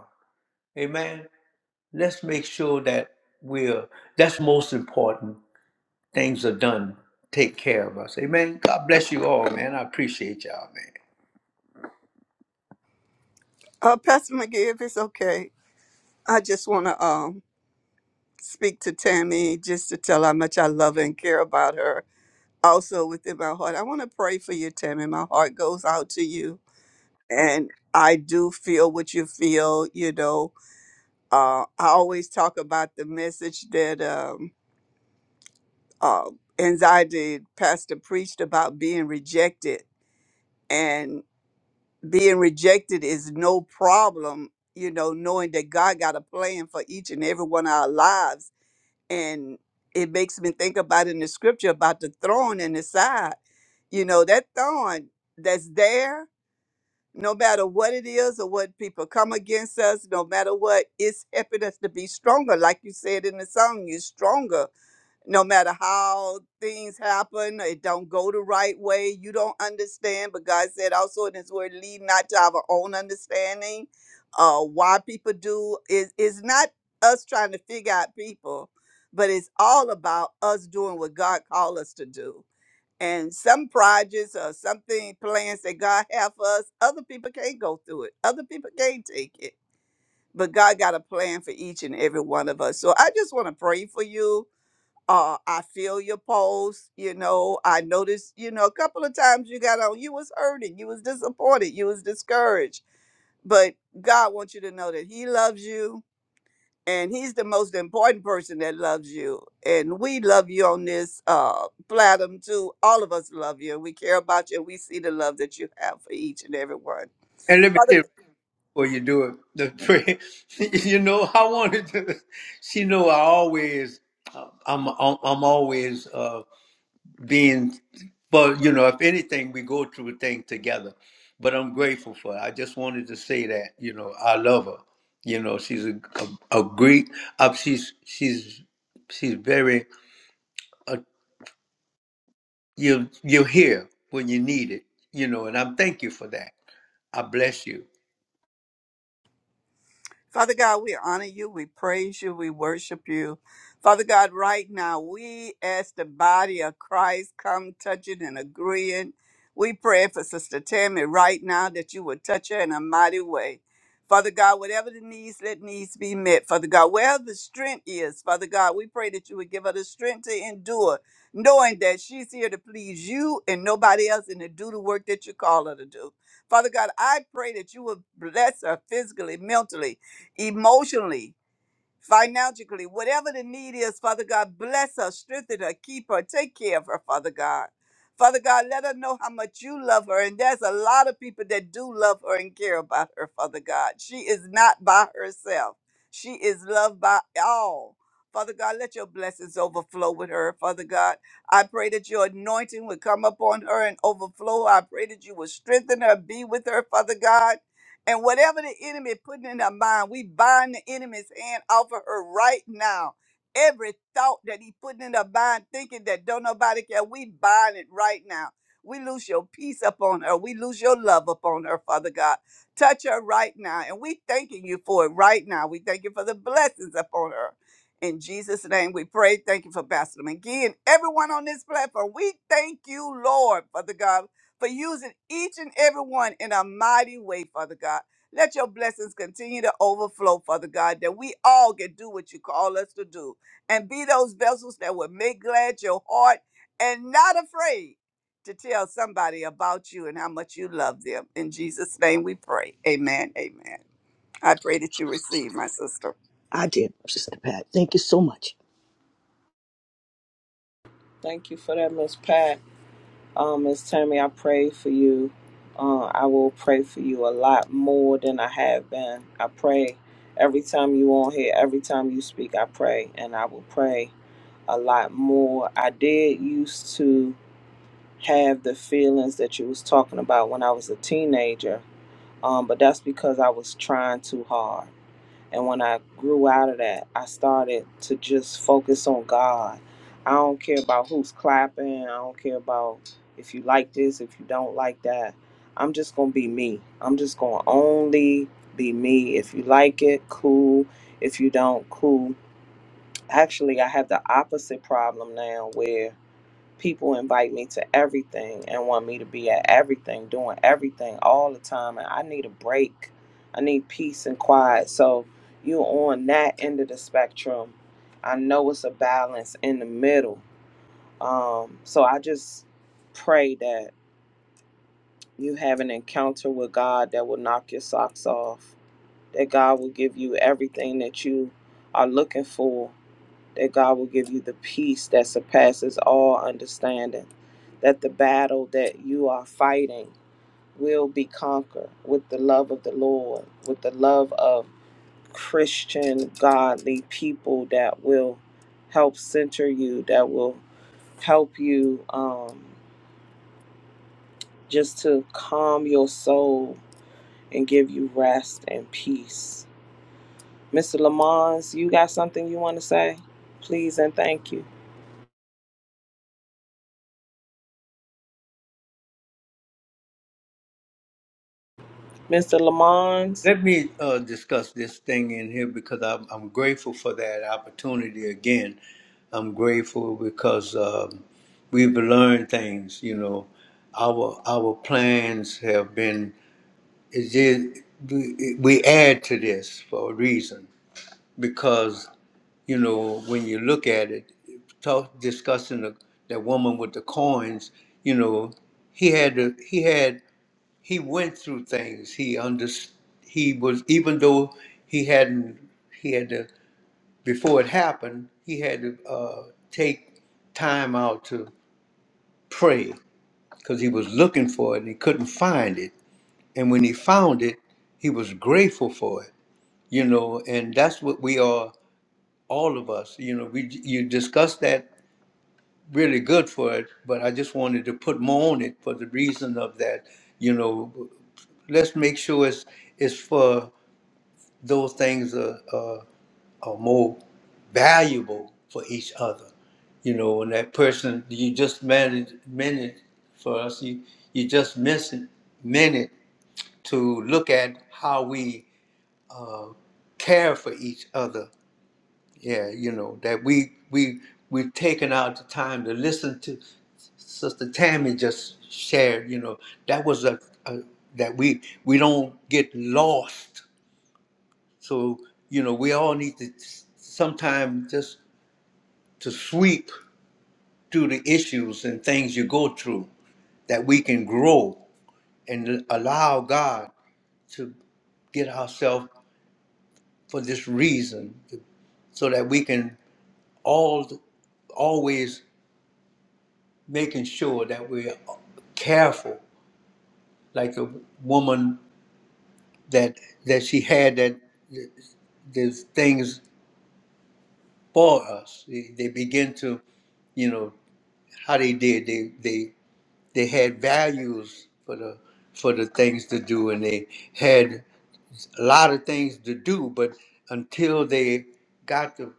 Speaker 1: amen let's make sure that we're that's most important things are done take care of us amen god bless you all man i appreciate y'all man
Speaker 6: Uh, Pastor McGee, if it's okay, I just want to um, speak to Tammy just to tell how much I love and care about her. Also, within my heart, I want to pray for you, Tammy. My heart goes out to you. And I do feel what you feel. You know, uh, I always talk about the message that um, uh, anxiety pastor preached about being rejected. being rejected is no problem, you know, knowing that God got a plan for each and every one of our lives. And it makes me think about in the scripture about the thorn in the side. You know, that thorn that's there, no matter what it is or what people come against us, no matter what, it's helping us to be stronger. Like you said in the song, you're stronger no matter how things happen, it don't go the right way. You don't understand, but God said also in His Word, lead not to our own understanding. Uh, why people do is is not us trying to figure out people, but it's all about us doing what God called us to do. And some projects or something plans that God have for us, other people can't go through it. Other people can't take it. But God got a plan for each and every one of us. So I just want to pray for you uh i feel your pulse you know i noticed you know a couple of times you got on you was hurting you was disappointed you was discouraged but god wants you to know that he loves you and he's the most important person that loves you and we love you on this uh platinum too all of us love you we care about you we see the love that you have for each and every one
Speaker 1: and let me say Or you do it. The prayer. you know, I wanted to. She know I always. I'm I'm, I'm always uh, being. But you know, if anything, we go through a thing together. But I'm grateful for. Her. I just wanted to say that. You know, I love her. You know, she's a a, a great. Uh, she's she's she's very. Uh, you you're here when you need it. You know, and I'm thank you for that. I bless you.
Speaker 6: Father God, we honor you, we praise you, we worship you. Father God, right now, we as the body of Christ come touching and agreeing. We pray for Sister Tammy right now that you would touch her in a mighty way. Father God, whatever the needs, let needs be met. Father God, wherever the strength is, Father God, we pray that you would give her the strength to endure, knowing that she's here to please you and nobody else and to do the work that you call her to do. Father God, I pray that you would bless her physically, mentally, emotionally, financially, whatever the need is, Father God, bless her, strengthen her, keep her, take care of her, Father God. Father God, let her know how much you love her. And there's a lot of people that do love her and care about her, Father God. She is not by herself, she is loved by all. Father God, let your blessings overflow with her, Father God. I pray that your anointing would come upon her and overflow. I pray that you would strengthen her, be with her, Father God. And whatever the enemy putting in her mind, we bind the enemy's hand off of her right now. Every thought that he putting in her mind, thinking that don't nobody care, we bind it right now. We lose your peace upon her. We lose your love upon her, Father God. Touch her right now. And we thanking you for it right now. We thank you for the blessings upon her. In Jesus' name we pray. Thank you for Pastor McGee and everyone on this platform. We thank you, Lord, Father God for using each and every one in a mighty way, Father God. Let your blessings continue to overflow, Father God, that we all can do what you call us to do and be those vessels that will make glad your heart and not afraid to tell somebody about you and how much you love them. In Jesus' name we pray. Amen. Amen. I pray that you receive, my sister.
Speaker 4: I did, Sister Pat. Thank you so much.
Speaker 3: Thank you for that, Miss Pat. Um, Miss Tammy, I pray for you. Uh, I will pray for you a lot more than I have been. I pray every time you on here, every time you speak, I pray, and I will pray a lot more. I did used to have the feelings that you was talking about when I was a teenager, um, but that's because I was trying too hard. And when I grew out of that, I started to just focus on God. I don't care about who's clapping. I don't care about if you like this, if you don't like that. I'm just going to be me. I'm just going to only be me. If you like it, cool. If you don't, cool. Actually, I have the opposite problem now where people invite me to everything and want me to be at everything, doing everything all the time. And I need a break. I need peace and quiet. So you on that end of the spectrum. I know it's a balance in the middle. Um, so I just pray that you have an encounter with God that will knock your socks off, that God will give you everything that you are looking for that God will give you the peace that surpasses all understanding, that the battle that you are fighting will be conquered with the love of the Lord, with the love of Christian, godly people that will help center you, that will help you um, just to calm your soul and give you rest and peace. Mr. Lamons, you got something you want to say? Please and thank you. Mr. Lamons,
Speaker 1: Let me uh, discuss this thing in here because I'm, I'm grateful for that opportunity again. I'm grateful because um, we've learned things. You know, our our plans have been. It's just, we we add to this for a reason because you know when you look at it, talk discussing the, that woman with the coins. You know, he had to. he had he went through things. He under, he was even though he hadn't he had to before it happened. He had to uh, take time out to pray because he was looking for it and he couldn't find it. And when he found it, he was grateful for it. You know, and that's what we are, all of us. You know, we you discussed that really good for it, but I just wanted to put more on it for the reason of that. You know, let's make sure it's it's for those things are, are, are more valuable for each other. You know, when that person you just manage minute for us, you you just miss a minute to look at how we care for each other. Yeah, you know that we we we've taken out the time to listen to Sister Tammy just shared. You know that was a, a that we we don't get lost So, you know, we all need to sometimes just to sweep through the issues and things you go through that we can grow and allow God to get ourselves for this reason so that we can all always making sure that we're careful like the woman that that she had that there's things for us they, they begin to you know how they did they they they had values for the for the things to do and they had a lot of things to do but until they got the,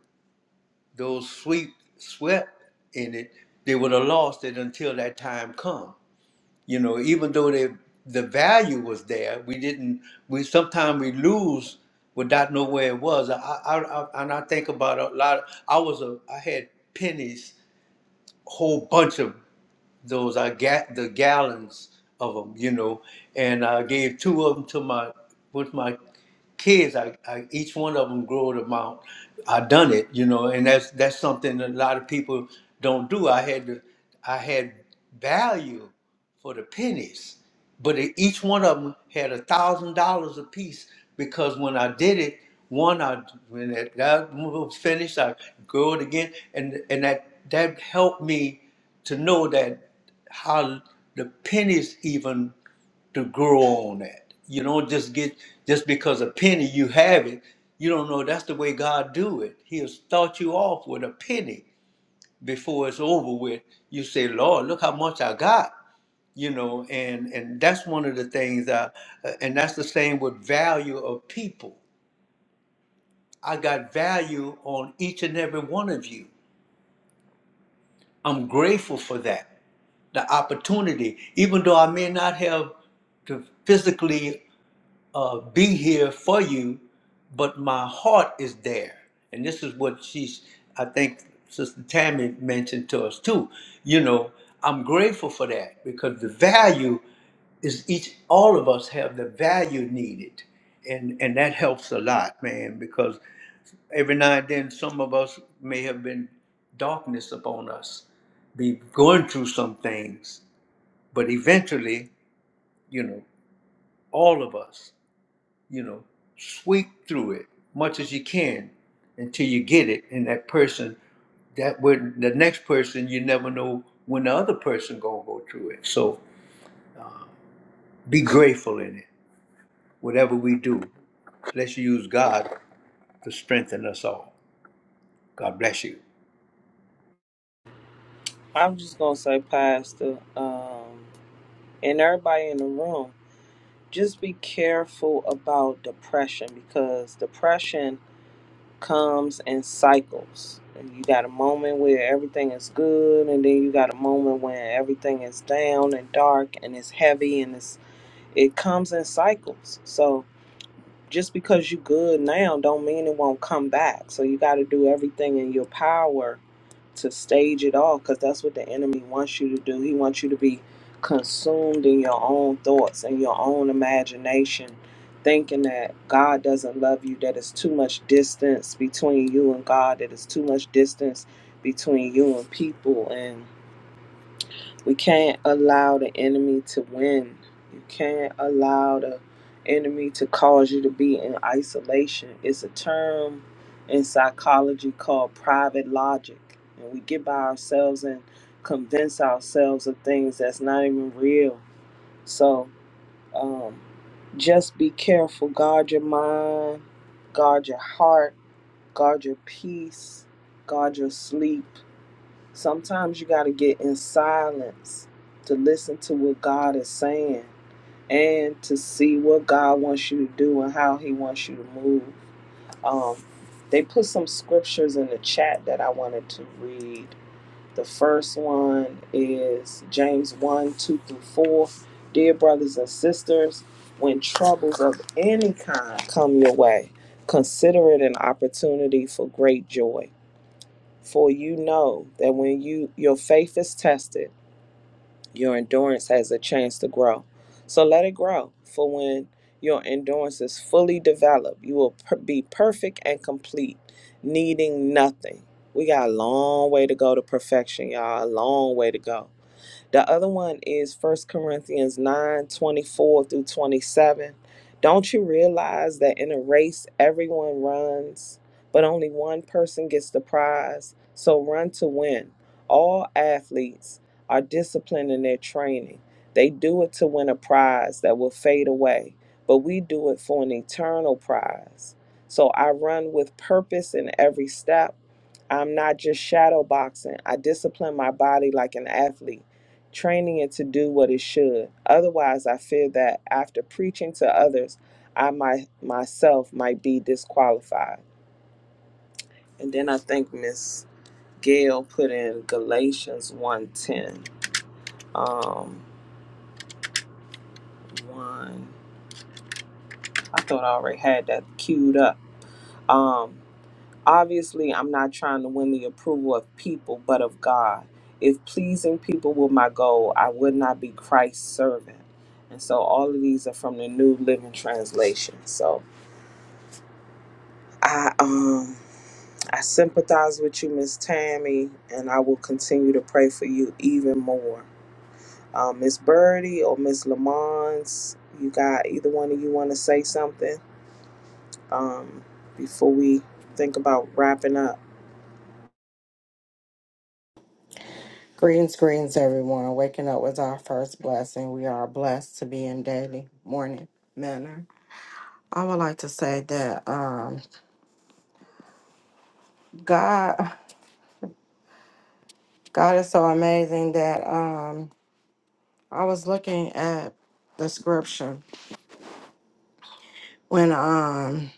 Speaker 1: those sweet sweat in it they would have lost it until that time come you know even though they, the value was there we didn't we sometimes we lose without know where it was I, I, I and i think about a lot i was a i had pennies whole bunch of those I got the gallons of them, you know, and I gave two of them to my with my kids. I, I each one of them growed them out. I done it, you know, and that's that's something a lot of people don't do. I had to, I had value for the pennies, but it, each one of them had a thousand dollars a piece because when I did it, one I when that, that one was finished, I grew it again, and and that that helped me to know that how the pennies even to grow on that. You don't just get just because a penny you have it. You don't know that's the way God do it. He'll start you off with a penny before it's over with. You say, Lord, look how much I got. You know, and and that's one of the things. I, and that's the same with value of people. I got value on each and every one of you. I'm grateful for that the opportunity, even though I may not have to physically uh, be here for you, but my heart is there. And this is what she's, I think Sister Tammy mentioned to us too. You know, I'm grateful for that because the value is each, all of us have the value needed. And, and that helps a lot, man, because every now and then some of us may have been darkness upon us, be going through some things but eventually, you know, all of us, you know, sweep through it much as you can until you get it. And that person, that would the next person, you never know when the other person gonna go through it. So be grateful in it. Whatever we do, let's use God to strengthen us all. God bless you.
Speaker 3: I'm just gonna say, Pastor, um, and everybody in the room, just be careful about depression because depression comes in cycles. And you got a moment where everything is good, and then you got a moment when everything is down and dark and it's heavy, and it's it comes in cycles. So just because you good now, don't mean it won't come back. So you got to do everything in your power to stage it all because that's what the enemy wants you to do. He wants you to be consumed in your own thoughts and your own imagination, thinking that God doesn't love you, that it's too much distance between you and God, that it's too much distance between you and people. and. We can't allow the enemy to win. You can't allow the enemy to cause you to be in isolation. It's a term in psychology called private logic. And we get by ourselves and convince ourselves of things that's not even real. So um, just be careful. Guard your mind, guard your heart, guard your peace, guard your sleep. Sometimes you got to get in silence to listen to what God is saying and to see what God wants you to do and how He wants you to move. Um, they put some scriptures in the chat that I wanted to read. The first one is James 1 2 through 4. Dear brothers and sisters, when troubles of any kind come your way, consider it an opportunity for great joy for you know that when you your faith is tested, your endurance has a chance to grow. So let it grow. For when your endurance is fully developed, you will per- be perfect and complete, needing nothing. We got a long way to go to perfection, y'all. A long way to go. The other one is First Corinthians 9 24 through 27. Don't you realize that in a race, everyone runs, but only one person gets the prize? So run to win. All athletes are disciplined in their training. They do it to win a prize that will fade away, but we do it for an eternal prize. So I run with purpose in every step. I'm not just shadow boxing. I discipline my body like an athlete training it to do what it should. Otherwise, I fear that after preaching to others, I might myself might be disqualified. And then I think Miss Gail put in Galatians one ten. Um, one. I thought I already had that queued up. Um, obviously, I'm not trying to win the approval of people, but of God. If pleasing people were my goal, I would not be Christ's servant. And so all of these are from the New Living Translation. So I um I sympathize with you, Miss Tammy, and I will continue to pray for you even more. Um, Miss Birdie or Miss Lamons, you got either one of you want to say something um, before we think about wrapping up.
Speaker 7: Greetings, greetings, everyone. Waking up was our first blessing. We are blessed to be in daily morning manner. I would like to say that um, God, God is so amazing that um, I was looking at the scripture when um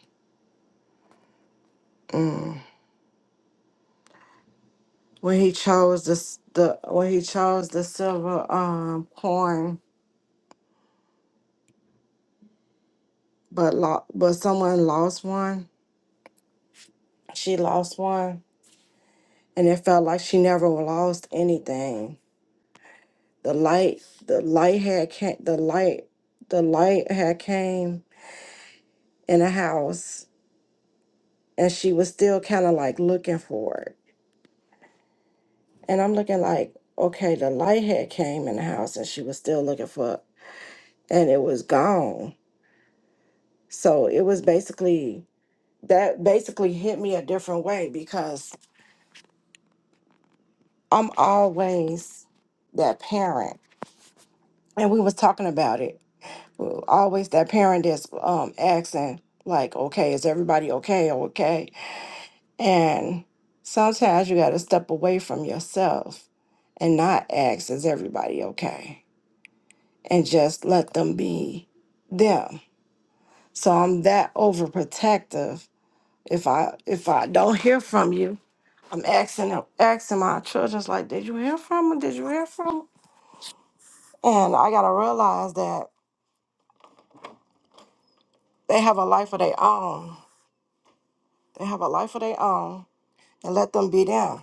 Speaker 7: mm, when He chose this the when He chose the silver um coin, but lo- but someone lost one. She lost one, and it felt like she never lost anything the light the light had came the light the light had came in the house and she was still kind of like looking for it and i'm looking like okay the light had came in the house and she was still looking for it and it was gone so it was basically that basically hit me a different way because i'm always that parent and we was talking about it always that parent that's um asking like okay is everybody okay okay And sometimes you got to step away from yourself and not ask, is everybody okay? And just let them be them. So I'm that overprotective. If I if I don't hear from you, I'm asking them- asking my childrens like, did you hear from them? Did you hear from 'em?" And I gotta realize that they have a life of their own. They have a life of their own, and let them be them.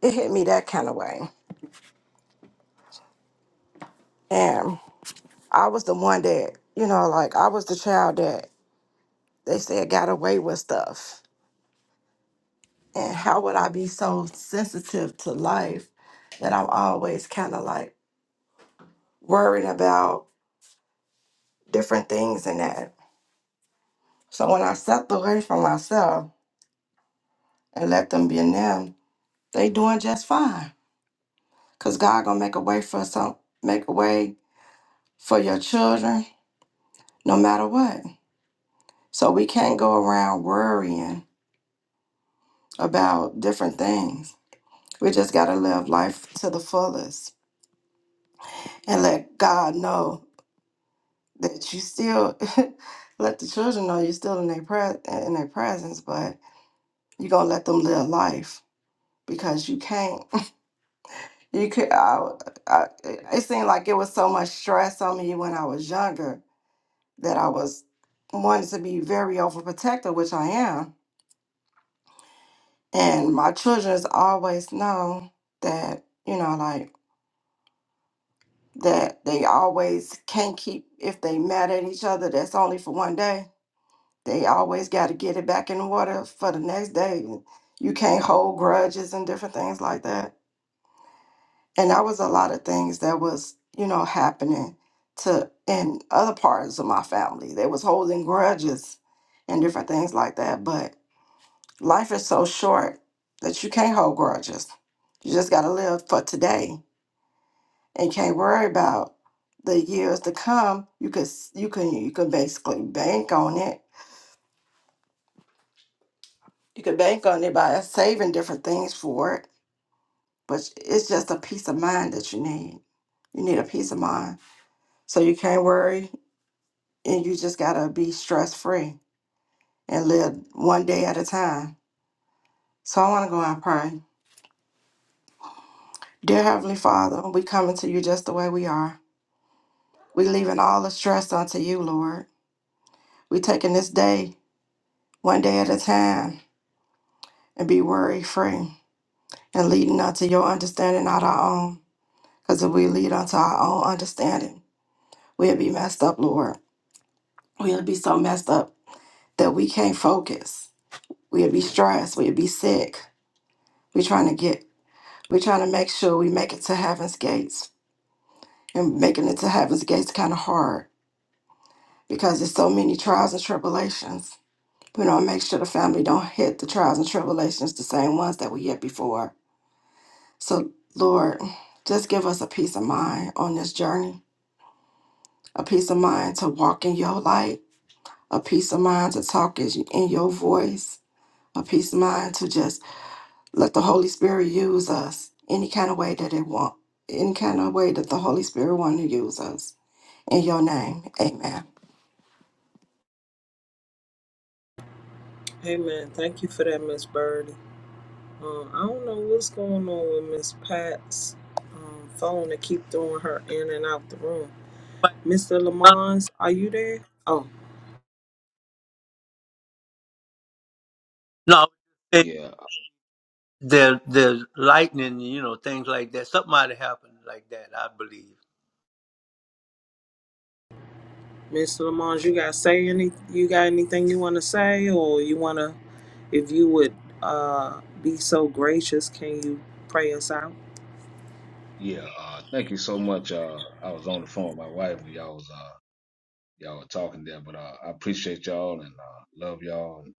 Speaker 7: It hit me that kind of way, and. I was the one that, you know, like I was the child that they said got away with stuff. And how would I be so sensitive to life that I'm always kind of like worried about different things and that? So when I stepped away from myself and let them be in them, they doing just fine. Cause God gonna make a way for some, make a way for your children, no matter what. So we can't go around worrying about different things We just got to live life to the fullest and let God know that you still let the children know you're still in their pre- in their presence, but you're going to let them live life because you can't. You could I, I it seemed like it was so much stress on me when I was younger that I was wanting to be very overprotective, which I am. And my children's always know that, you know, like that they always can't keep if they mad at each other that's only for one day they always got to get it back in the water for the next day you can't hold grudges and different things like that and that was a lot of things that was you know happening to in other parts of my family they was holding grudges and different things like that but life is so short that you can't hold grudges you just got to live for today and can't worry about the years to come, you could s- you can you can basically bank on it. You could bank on it by saving different things for it, but it's just a peace of mind that you need. You need a peace of mind, so you can't worry, and you just gotta be stress free and live one day at a time. So I want to go out and pray. Dear Heavenly Father, we coming to you just the way we are. We leaving all the stress unto you, Lord. We taking this day one day at a time and be worry free. and leading unto your understanding, not our own. Because if we lead unto our own understanding, we'll be messed up, Lord. We'll be so messed up that we can't focus. We'll be stressed. We'll be sick. We're trying to get, we're trying to make sure we make it to heaven's gates. And making it to heaven's gates kind of hard because there's so many trials and tribulations. We don't make sure the family don't hit the trials and tribulations, the same ones that we hit before. So, Lord, just give us a peace of mind on this journey a peace of mind to walk in your light, a peace of mind to talk is- in your voice, a peace of mind to just let the Holy Spirit use us any kind of way that it want, any kind of way that the Holy Spirit want to use us. In your name, amen.
Speaker 3: Hey man, thank you for that, Miss Birdie. Um, I don't know what's going on with Miss Pat's um, phone to keep throwing her in and out the room. Mr. Lamons, are you there? Oh.
Speaker 1: No, it-
Speaker 5: Yeah,
Speaker 1: there, there's lightning, you know, things like that. Something might have happened like that, I believe.
Speaker 3: Miss Lamont, you got say any? You got anything you want to say, or you want to? If you would uh, be so gracious, can you pray us out?
Speaker 5: yeah. Uh, thank you so much. Uh, I was on the phone with my wife when y'all was uh, y'all were talking there, but uh, I appreciate y'all and uh, love y'all. And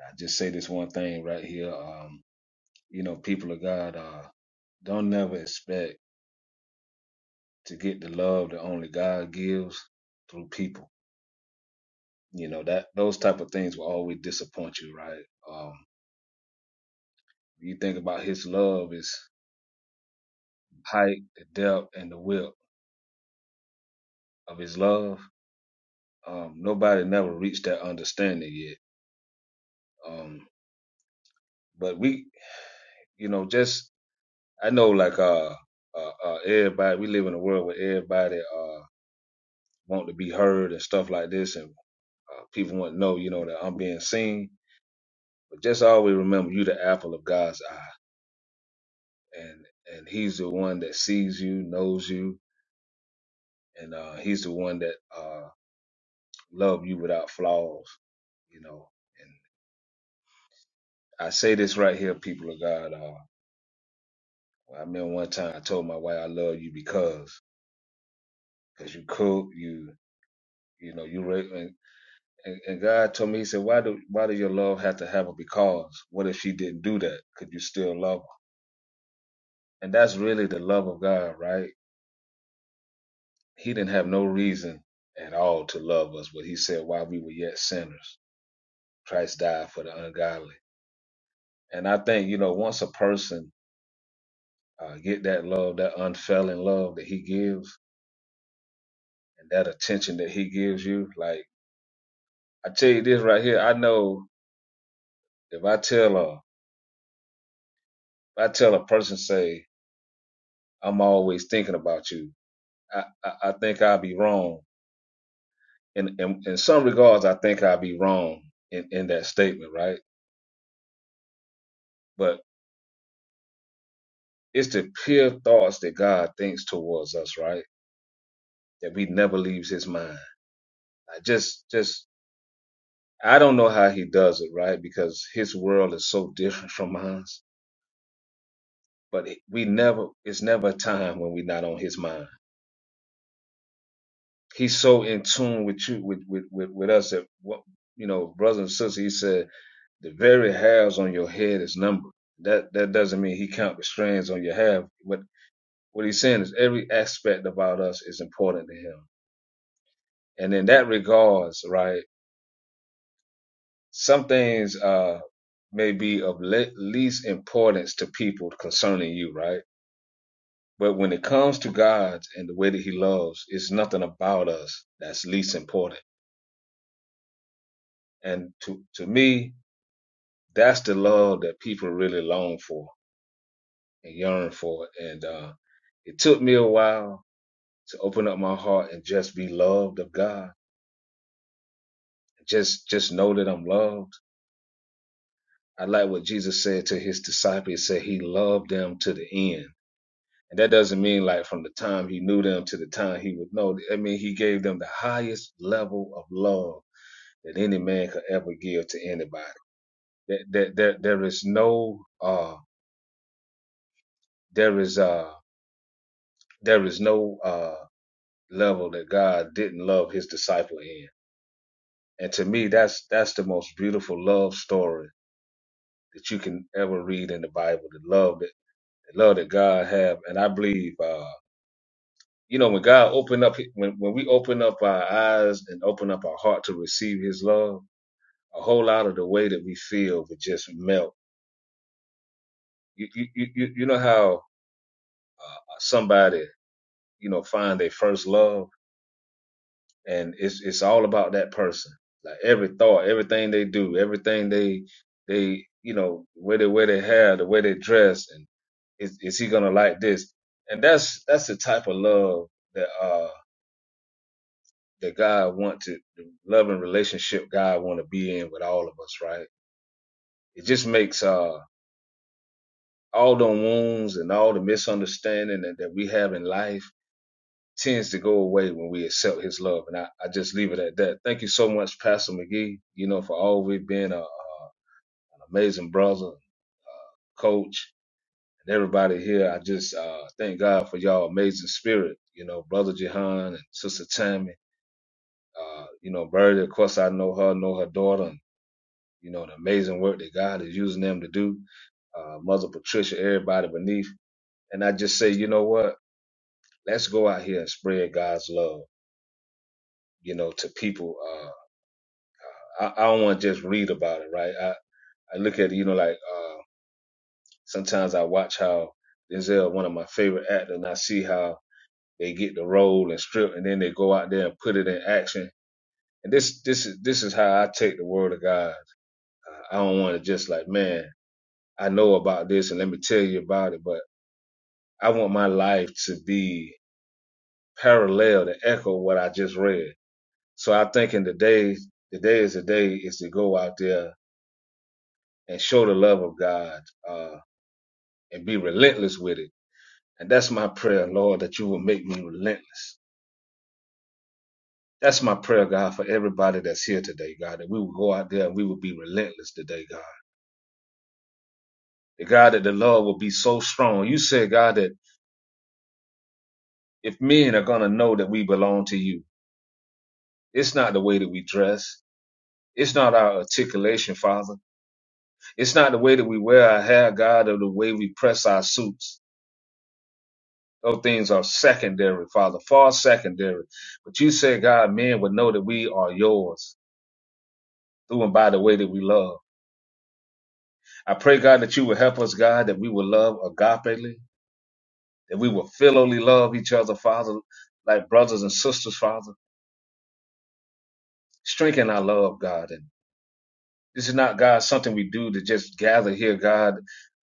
Speaker 5: I just say this one thing right here. Um, you know, people of God, uh, don't never expect to get the love that only God gives through people. You know that those type of things will always disappoint you, right? Um, you think about His love is height, the depth, and the width of His love. Um, nobody never reached that understanding yet. Um, but we, you know, just I know like uh, uh, uh everybody we live in a world where everybody uh want to be heard and stuff like this, and Uh, people want to know, you know, that I'm being seen. But just always remember, you the apple of God's eye, and and He's the one that sees you, knows you, and uh, He's the one that uh, love you without flaws, you know. And I say this right here, people of God. Uh, I remember one time I told my wife I love you because because you cook, you you know, you ra- and, and and God told me He said, why do why do your love have to have a because? What if she didn't do that? Could you still love her? And that's really the love of God, right? He didn't have no reason at all to love us, but he said, while we were yet sinners, Christ died for the ungodly. And I think, you know, once a person uh, get that love, that unfailing love that he gives, and that attention that he gives you, like I tell you this right here, I know if I tell a, if I tell a person, say, I'm always thinking about you, I, I, I think I'll be wrong. In, in in some regards, I think I'll be wrong in, in that statement, right? But It's the pure thoughts that God thinks towards us, right? That we never leaves his mind. I just just I don't know how he does it, right? Because his world is so different from ours. But it- we never it's never a time when we're not on his mind. He's so in tune with you with with with, with us that what you know, brothers and sisters, he said the very hairs on your head is numbered. That that doesn't mean he count the strands on your hair. What what he's saying is every aspect about us is important to him. And in that regards, right, some things uh, may be of le- least importance to people concerning you, right? But when it comes to God and the way that He loves, it's nothing about us that's least important. And to to me, that's the love that people really long for and yearn for. And uh, it took me a while to open up my heart and just be loved of God. Just just know that I'm loved I like what Jesus said to his disciples. He said he loved them to the end. And that doesn't mean like from the time he knew them to the time he would know. I mean, he gave them the highest level of love that any man could ever give to anybody. That there, there, there is no uh there is uh there is no uh level that God didn't love his disciple in. And to me that's that's the most beautiful love story that you can ever read in the Bible, the love that the love that God have. And I believe uh you know, when God opened up, when, when we open up our eyes and open up our heart to receive His love, a whole lot of the way that we feel would just melt. You, you, you, you know how somebody, you know, find their first love and it's, it's all about that person. Like every thought, everything they do, everything they, they, you know, where they wear their hair, the way they dress, and is, is he gonna like this? And that's, that's the type of love that uh. that God want to the loving relationship God want to be in with all of us, right? It just makes uh all the wounds and all the misunderstanding that, that we have in life tends to go away when we accept his love. And I, I just leave it at that. Thank you so much, Pastor McGee, you know, for always being a, uh, uh, an amazing brother, uh, coach, and everybody here. I just uh, thank God for y'all amazing spirit, you know, Brother Jehan and Sister Tammy. Uh, you know, Birdie, of course, I know her, know her daughter, and You know, the amazing work that God is using them to do. Uh, Mother Patricia, everybody beneath. And I just say, you know what? Let's go out here and spread God's love, you know, to people. Uh, I, I don't want to just read about it, right? I, I look at it, you know, like uh, sometimes I watch how Denzel, one of my favorite actors, and I see how they get the role and strip, and then they go out there and put it in action. And this, this is this is how I take the word of God. Uh, I don't want to just like, man, I know about this, and let me tell you about it. But I want my life to be parallel to echo what I just read. So I think in the day, the day is the day is to go out there and show the love of God uh, and be relentless with it. And that's my prayer, Lord, that you will make me relentless. That's my prayer, God, for everybody that's here today, God, that we will go out there and we will be relentless today, God. The God that the love will be so strong. You said, God, that if men are going to know that we belong to you, it's not the way that we dress. It's not our articulation, Father. It's not the way that we wear our hair, God, or the way we press our suits. Those things are secondary, Father, far secondary. But you said, God, men would know that we are yours through and by the way that we love. I pray, God, that you will help us, God, that we will love agapely, that we will filially love each other, Father, like brothers and sisters, Father. Strengthen our love, God, and. This is not God something we do to just gather here, God,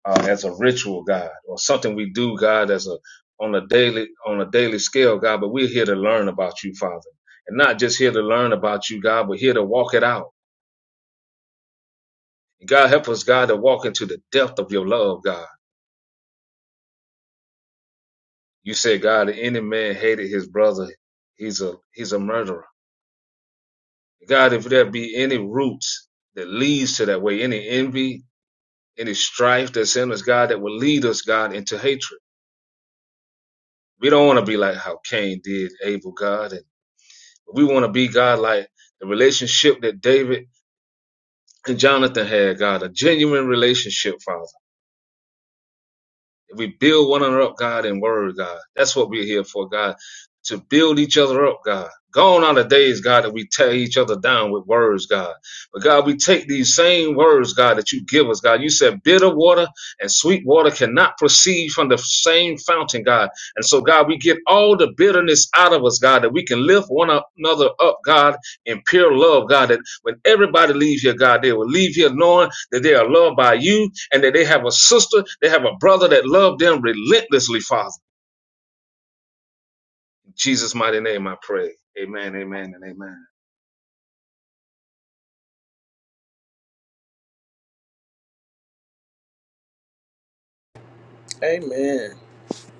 Speaker 5: uh, as a ritual, God, or something we do, God, as a on a daily on a daily scale, God. But we're here to learn about you, Father, and not just here to learn about you, God, but here to walk it out. And God, help us, God, to walk into the depth of your love, God. You said, God, if any man hated his brother, he's a he's a murderer. God, if there be any roots that leads to that way, any envy, any strife that's in us, God, that will lead us, God, into hatred. We don't want to be like how Cain did Abel God, and we want to be God like the relationship that David and Jonathan had. God, a genuine relationship, Father. We build one another up, God, in word, God. That's what we're here for, God, to build each other up, God. Gone are the days, God, that we tear each other down with words, God. But God, we take these same words, God, that you give us, God. You said bitter water and sweet water cannot proceed from the same fountain, God. And so, God, we get all the bitterness out of us, God, that we can lift one another up, God, in pure love, God, that when everybody leaves here, God, they will leave here knowing that they are loved by you, and that they have a sister, they have a brother that loved them relentlessly, Father. In Jesus' mighty name, I pray. Amen, amen, and amen.
Speaker 3: Amen.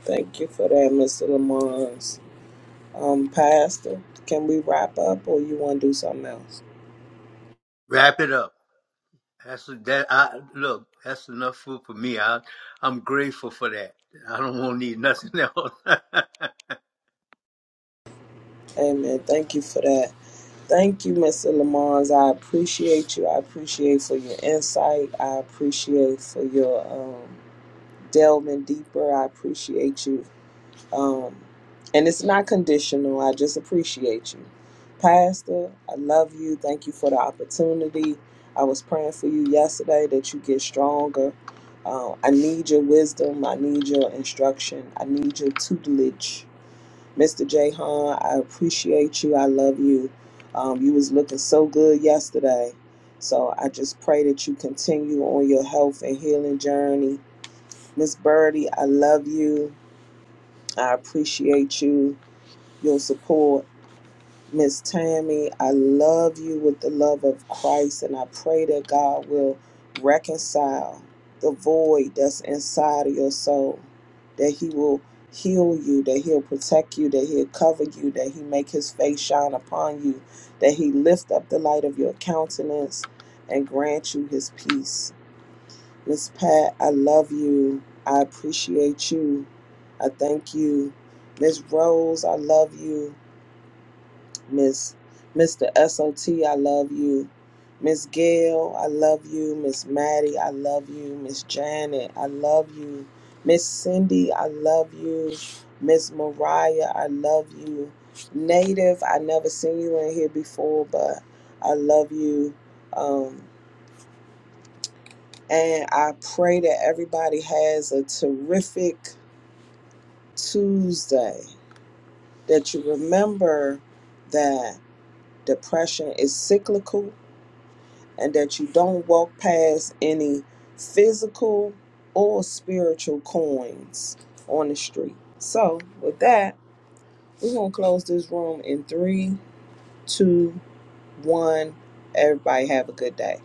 Speaker 3: Thank you for that, Mr. Lamont's um, pastor. Can we wrap up, or you want to do something else?
Speaker 1: Wrap it up. That's that. I look. That's enough food for me. I, I'm grateful for that. I don't want to need nothing else.
Speaker 3: Amen. Thank you for that. Thank you, Mr. Lamons. I appreciate you. I appreciate for your insight. I appreciate for your um, delving deeper. I appreciate you Um, and it's not conditional. I just appreciate you. Pastor, I love you. Thank you for the opportunity. I was praying for you yesterday that you get stronger. Uh, I need your wisdom. I need your instruction. I need your tutelage. Mr. Jahan, I appreciate you. I love you. Um, you was looking so good yesterday. So I just pray that you continue on your health and healing journey. Miss Birdie, I love you. I appreciate you your support. Miss Tammy, I love you with the love of Christ, and I pray that God will reconcile the void that's inside of your soul, that He will heal you, that He'll protect you, that He'll cover you, that He make His face shine upon you, that He lift up the light of your countenance and grant you His peace. Miss Pat, I love you. I appreciate you. I thank you. Miss Rose, I love you. Miss Mr. S O T, I love you. Miss Gail, I love you. Miss Maddie, I love you. Miss Janet, I love you. Miss Cindy, I love you. Miss Mariah, I love you. Native, I never seen you in here before, but I love you. Um, and I pray that everybody has a terrific Tuesday. That you remember that depression is cyclical and that you don't walk past any physical or spiritual coins on the street. So, with that, we're going to close this room in three, two, one. Everybody, have a good day.